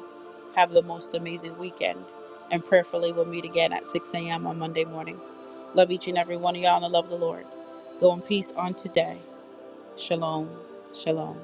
Have the most amazing weekend. And prayerfully, we'll meet again at 6 a.m. on Monday morning. Love each and every one of y'all and I love the Lord. Go in peace on today. Shalom. Shalom.